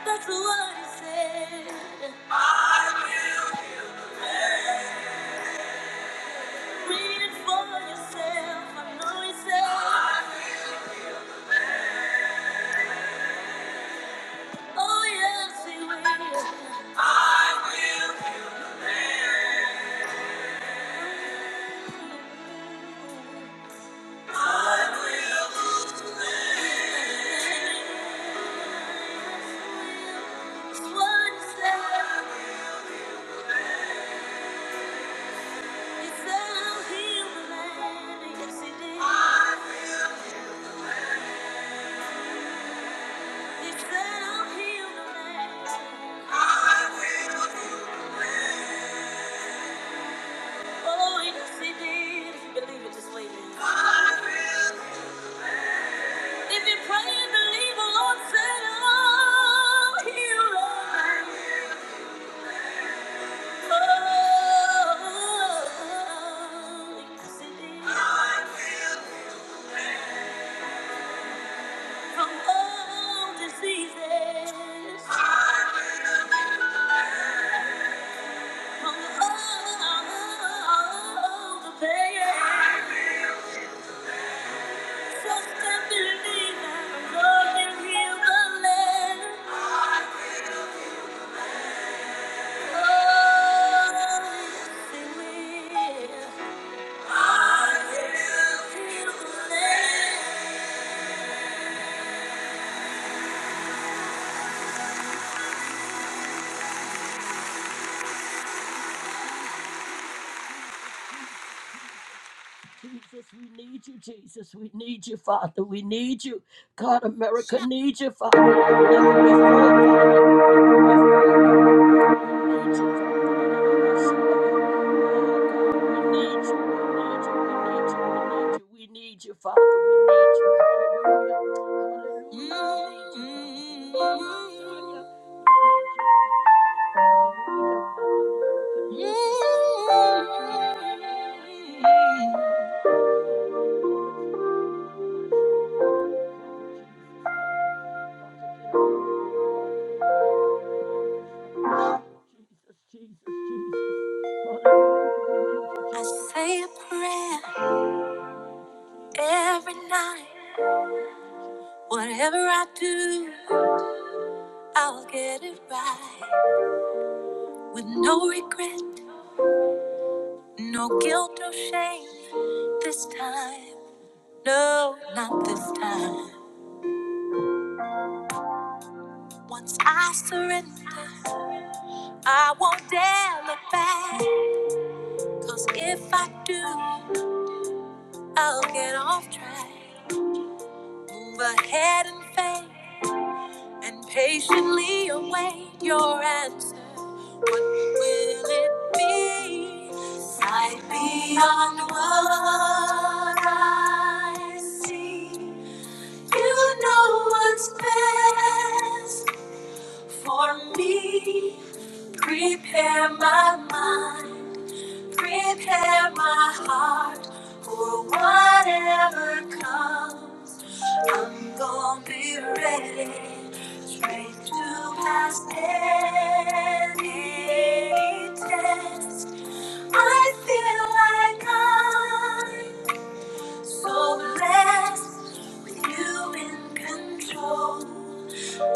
Speaker 1: That's what he said. I will heal the land. Read it for yourself. I know he said. I will. Oh, yes, he will. I will heal. I will lose the land. That's what he said. If you pray and believe the Lord said, I'll heal From old diseases, from all the pain. Trust and believe that the Lord heal the land. Oh, yes, will. I will Jesus, we need you, Jesus. We need you, Father. We need you. God, America needs you, Father, like never before, Father, like never We need you, Father. Da, da, da, ba, sha, da, Oh, we need you. We need you. We need you. We need you. We need you, We need you. Hallelujah. Hallelujah. We need you, Father. We need you, Shia. Jesus, Jesus, Jesus, I say a prayer Every night, whatever I do, I'll get it right. With no regret, no guilt or shame. This time, no, not this time. Once I surrender, I won't dare look back. Cause if I do, I'll get off track. Move ahead and faith. and patiently await your answer. What will it be? Sight beyond what I see. You know what's best for me. Prepare my mind. Prepare my heart for whatever comes. I'm gonna be ready, straight to pass any test. I feel like I'm so blessed with you in control.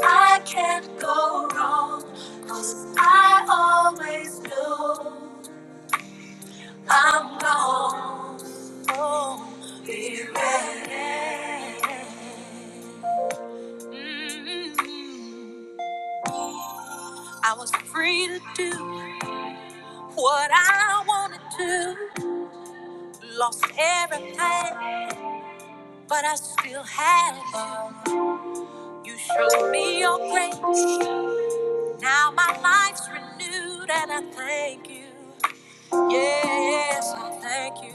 Speaker 1: I can't go wrong, cause I always know. I'm gone. Oh, be ready. Mm. I was free to do what I wanted to. Lost everything, but I still had you. You showed me your grace. Now my life's renewed, and I thank you. Yes, I thank you.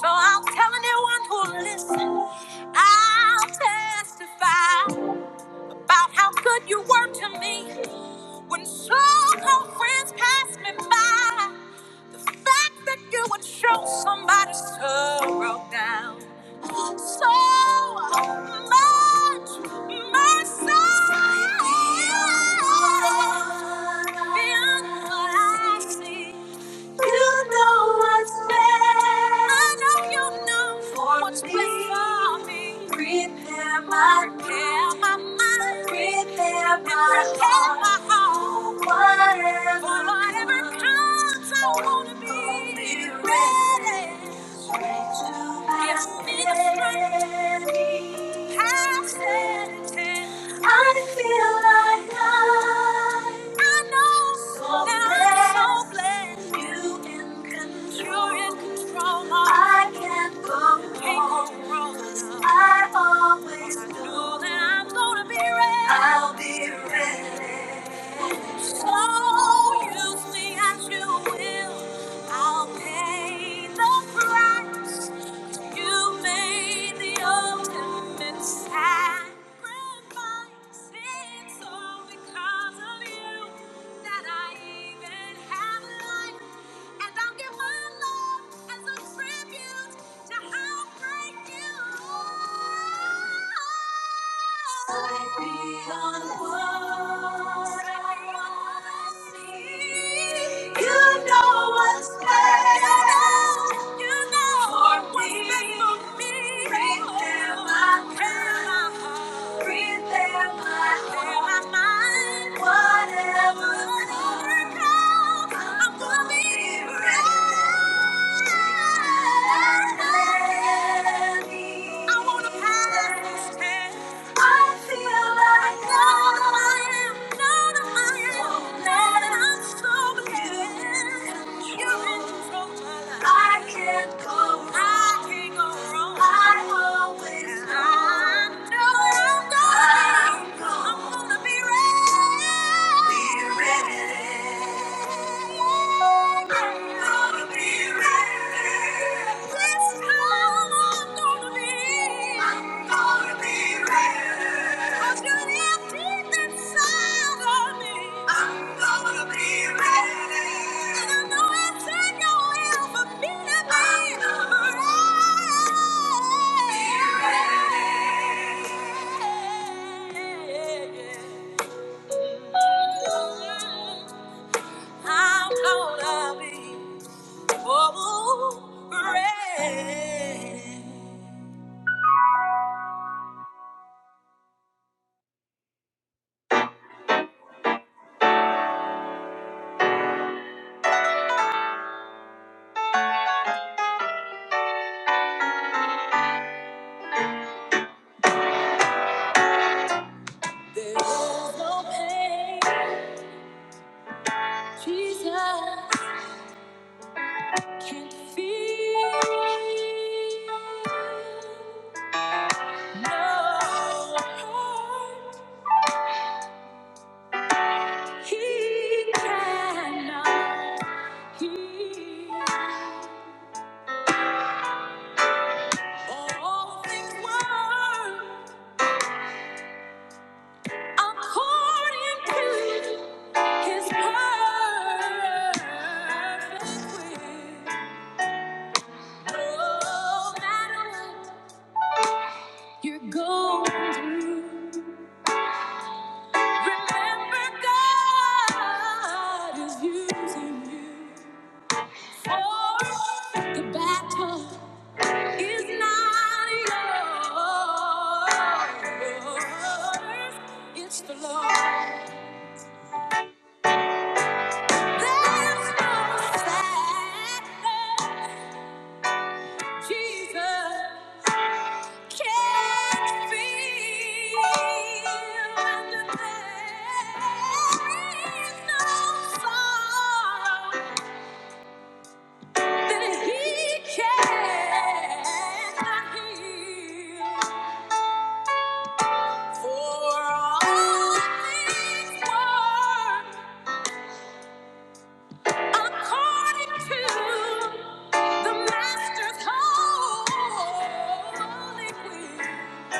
Speaker 1: So i will tell anyone who will listen, I'll testify. about how good you were to me when so-called friends passed me by. The fact that you would show somebody sorrow down so much mercy. Beyond what I see. You know what's best. I know you know for what's me. best for me. Prepare my prepare my mind, prepare my, and prepare my heart. Whatever, for whatever comes, I wanna be, be ready. ready. Straight to my Give me the strength. I always know that I'm gonna be ready. I'll be ready. So use me as you will. I'll pay the price. You made the ultimate sacrifice. It's all because of you that I even have life. And I'll give my love as a tribute to how great you are. I wanna You know what's best for me. Breathe there my breath. Breathe there my mind. Whatever comes, I'm gonna be ready. I wanna pass this test. I feel like I'm not alone, that I'm so in control I can't go wrong. I can't go I always know. I am gonna I'm gonna Be ready. I'm gonna be. Oh, rain. There is no pain Jesus can't feel. No hurt he cannot heal. All things work according to his perfect will. No matter what you're going through, remember God is using you. For the battle is not yours. It's the Lord. There's no sadness. Jesus can't be understood. no song that he cannot heal. For all things work according to the Master's holy will.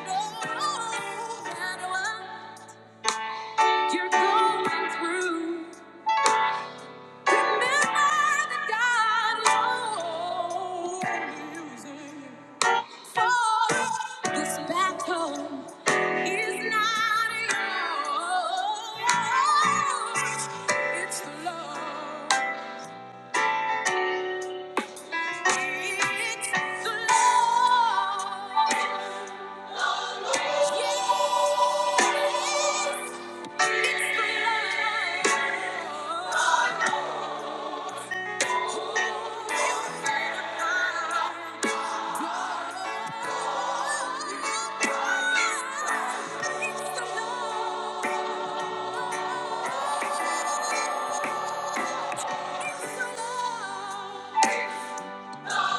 Speaker 1: You're going through. Remember that God will For this battle is not yours. It's the Lord. Thank you. Yeah.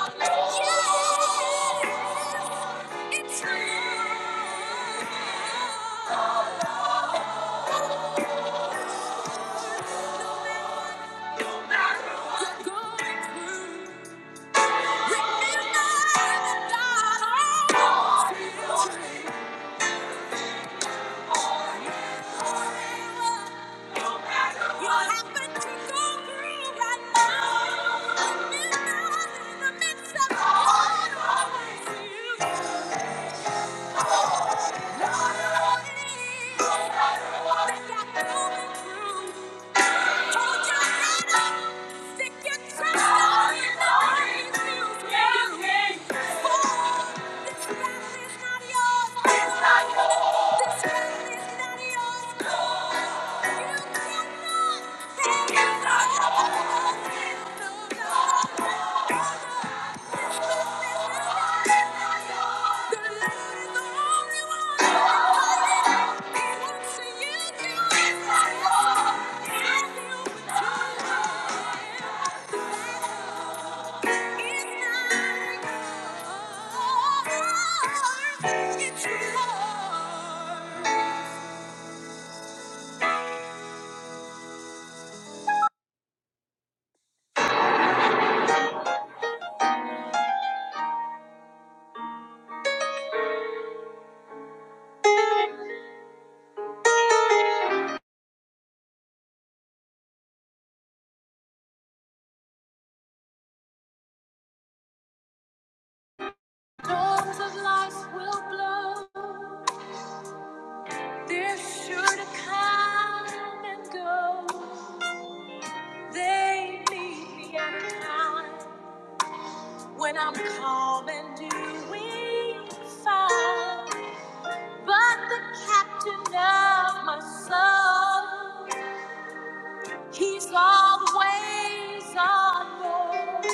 Speaker 1: Thank you. Storms of life will blow. They're sure to come and go. They meet me at a time when I'm calm and doing fine. But the captain of my soul, he's always on board.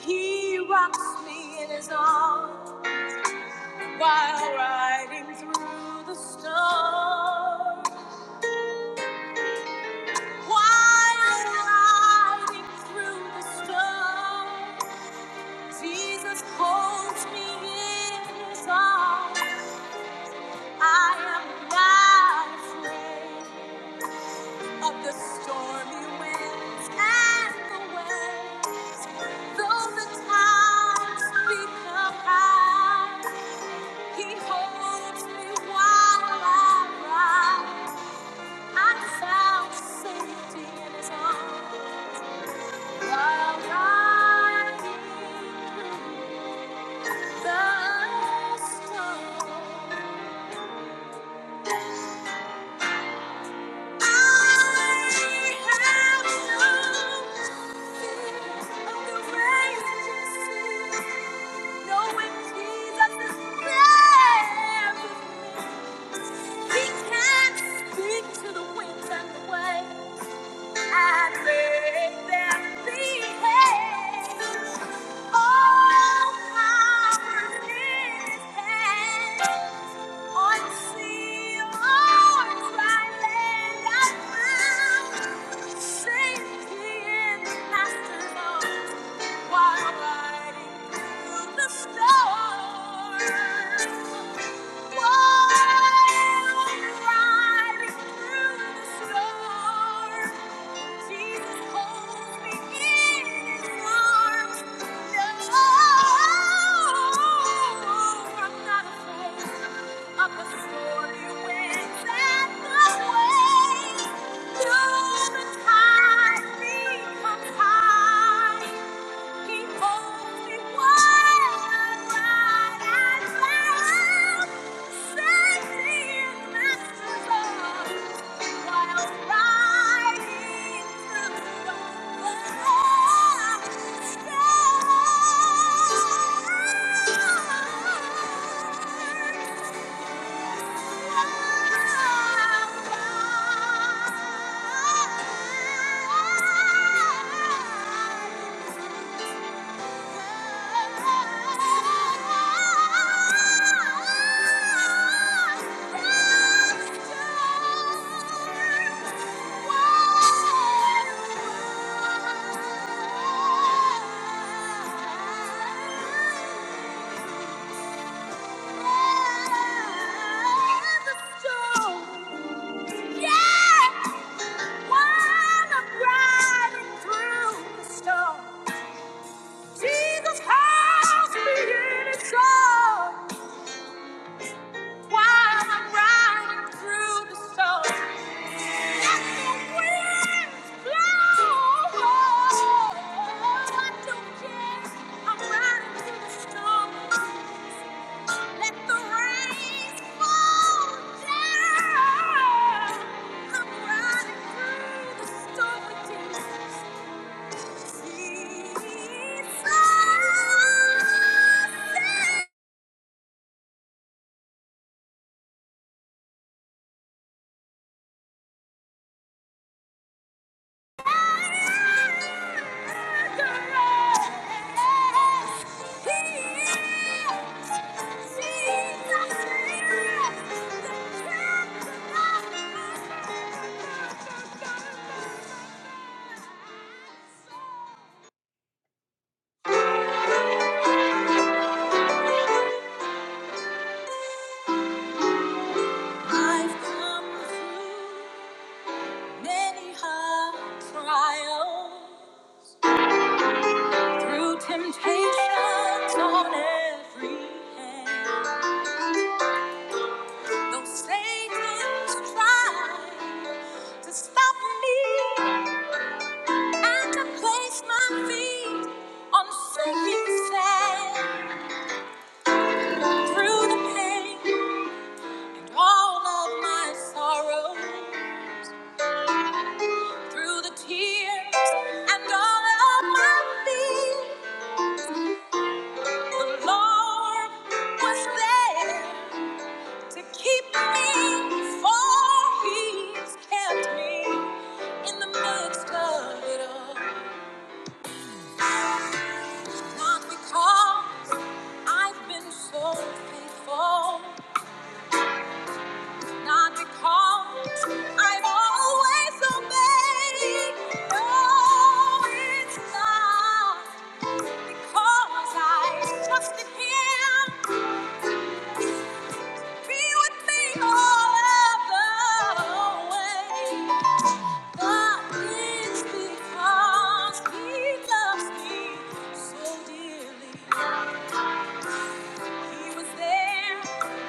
Speaker 1: He rocks me in his arms while riding through the storm. Riding through the storm, Jesus holds me in His arms. I am not afraid of the stormy winds and the waves. Though the tides become high, He holds me while I ride. I found safety in His arms. Speak to the winds and the waves. And let them be All power in His hands. On sea, on land, and found safety in the Master's arms while riding through the storm. While riding through the storm. High becomes high. He holds me while I climb. Safety in my arms. Wow. Yeah! While I'm riding through the storm, Jesus calls me in his song. While I'm riding through the storm, let the winds blow. I'm riding through the storm. Let the rain fall down. Come riding through the stormy days. Jesus, Jesus, I've come through many hard trials, through temptations on every hand. Though Satan's tried to stop me and to place my feet on sinking sand, through the pain and all of my sorrow, through the tears and all of my fears. The Lord was there to keep me, for He's kept me in the midst of it all. Not because I've been so faithful, not because I've always obeyed. No, it's not because I trusted Him. Be with me all the way. God because He loves me so dearly. He was there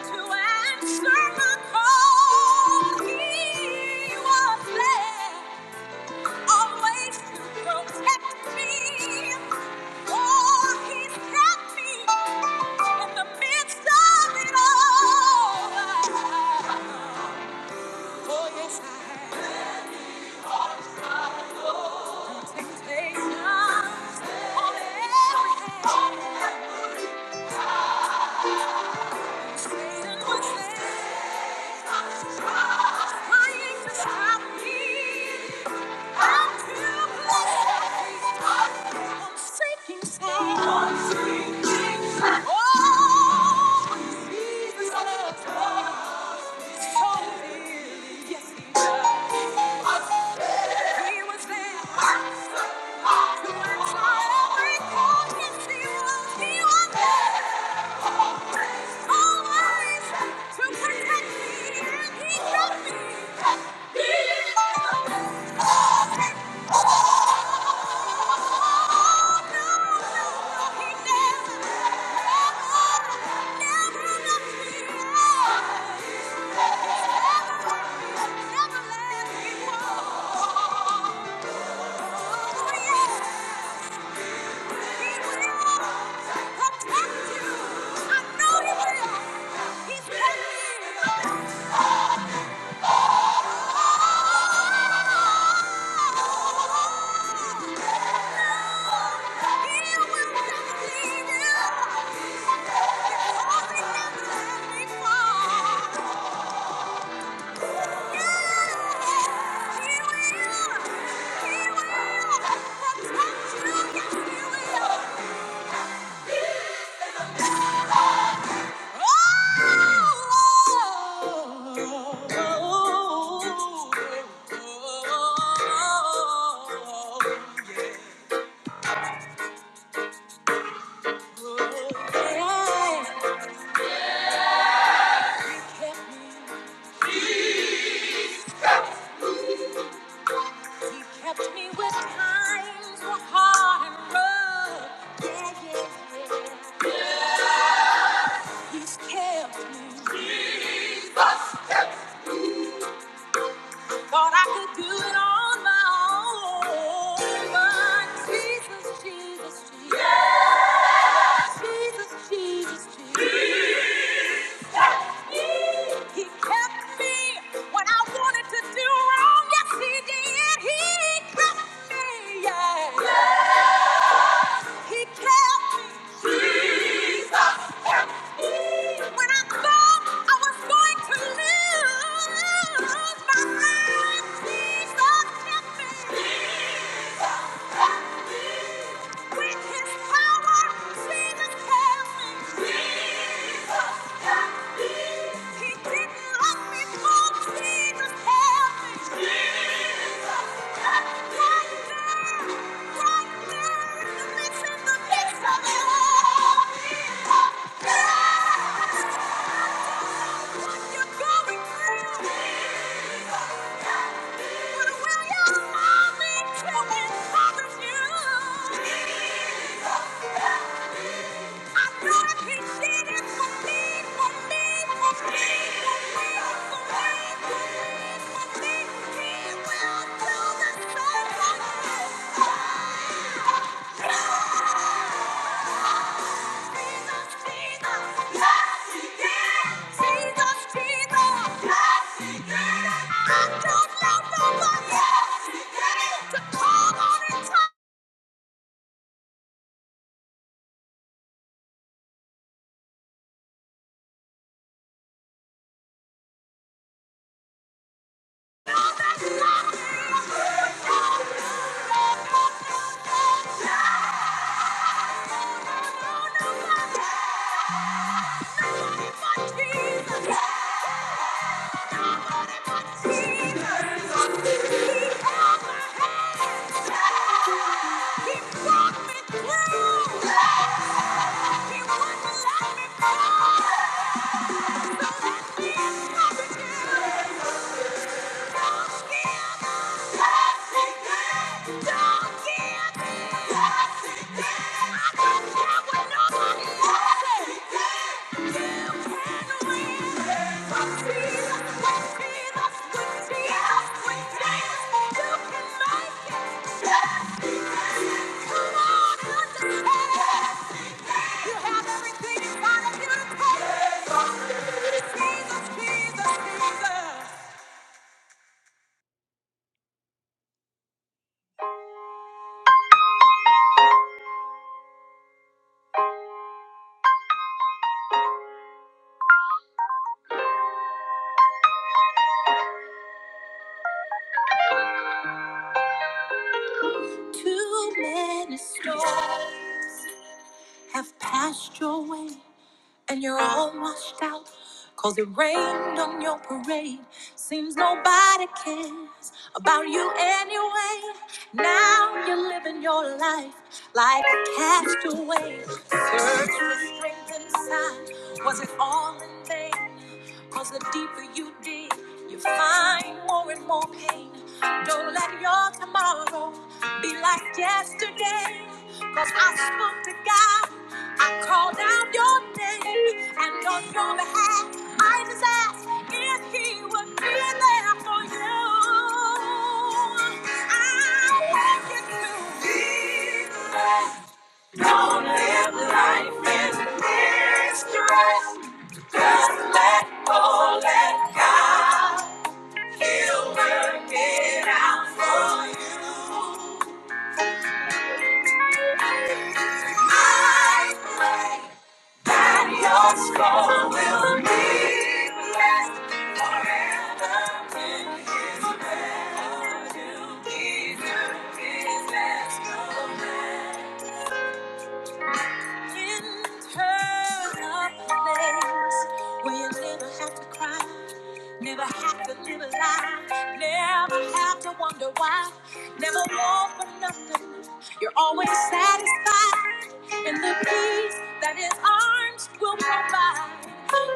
Speaker 1: to answer my call. He was there always to protect me. Oh, He's kept me in the midst of it all. Oh, yes, I have. Temptations on every hand. Satan would say, trying to stop me. I'm too blessed. I'm seeking someone. I'm seeking someone. Oh, Jesus loves me. Oh! Oh! Oh, yeah. Oh, yeah. You kept me. You kept me when times were hard and rough. Yeah, yeah, yeah. He's kept me. Thought I could do it on my own. But Jesus, Jesus, Jesus. Jesus, Jesus, Jesus. He kept me when I wanted to do wrong. Yes, he did. He kept me. Yeah. He kept me. Jesus kept me. When I thought I was going to lose my life, Jesus kept me. Yeah! do? will do the Yeah. Yeah! He me me wouldn't let let So Yeah. You have everything inside of you to take. Jesus, Jesus, Jesus. Too many storms have passed your way, and you're all washed out. Cause it rained on your parade. Seems nobody cares about you anyway. Now you're living your life like a castaway. Search for strength inside. Was it all in vain? Cause the deeper you dig, you find more and more pain. Don't let your tomorrow be like yesterday. Cause I spoke to God, I called out your name, and on your behalf, I just asked if He would be there for you. I want you to be blessed. Don't live life in distress. Just let go, let God. He'll work it out for you. I pray that your soul will be blessed forever in His love. You deserve His best. In her place where you never have to cry, never have to live a lie, never have to wonder why, never want for nothing. You're always satisfied in the peace that His arms will provide.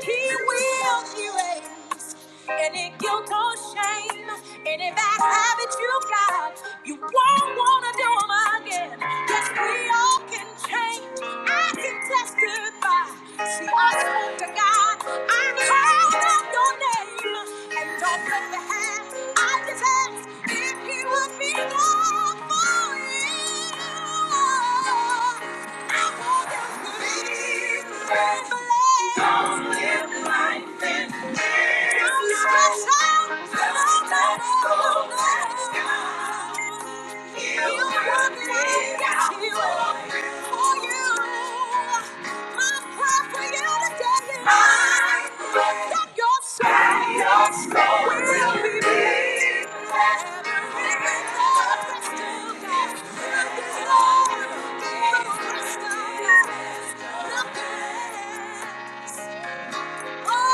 Speaker 1: He will erase any guilt or shame, any bad habit you got. You won't wanna do 'em again. Yes, we all can change. I can testify. See, I spoke to God. I called out your name. And don't let the hand I just asked if he would be gone for you. I want them to believe. blessed. Thank you. Yes, you will.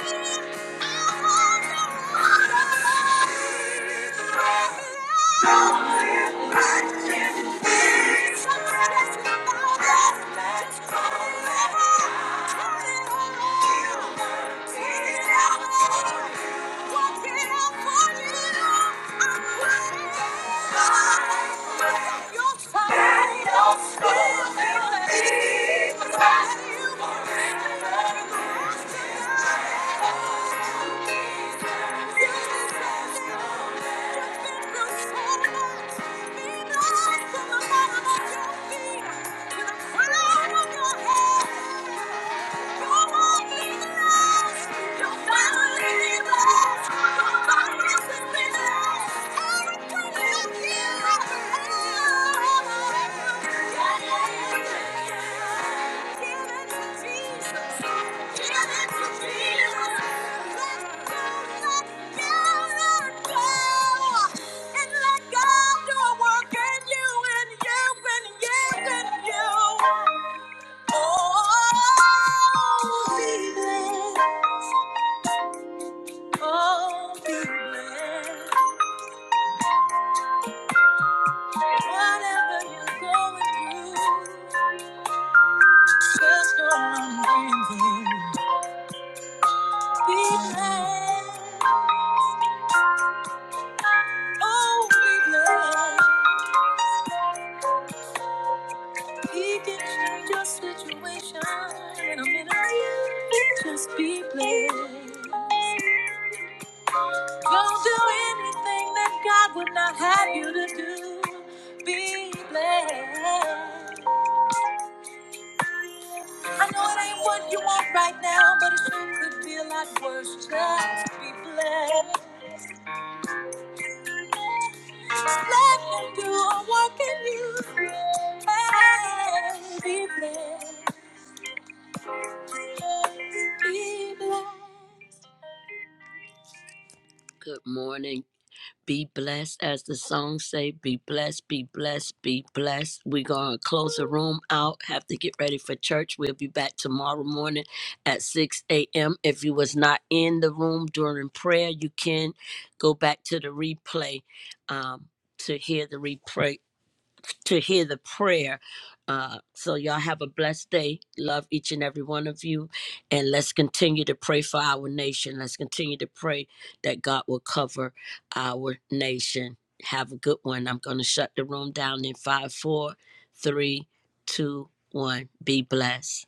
Speaker 1: Thank you. Thank you. Thank you. Oh, be blessed. Whatever you're going through. Just gonna be there. Be blessed. Oh, be blessed. He can change your situation in a minute. Just be blessed. Don't do anything that God would not have you to do. Be blessed. I know it ain't what you want right now, but it sure could be a lot worse. Just be blessed. Let him do a work in you and be blessed. Be blessed. Good morning. Be blessed, as the song say. Be blessed, be blessed, be blessed. We're gonna close the room out. Have to get ready for church. We'll be back tomorrow morning at 6 a.m. If you was not in the room during prayer, you can go back to the replay um, to hear the replay to hear the prayer. Uh, so y'all have a blessed day. Love each and every one of you, and let's continue to pray for our nation. Let's continue to pray that God will cover our nation. Have a good one. I'm going to shut the room down in five, four, three, two, one. Be blessed.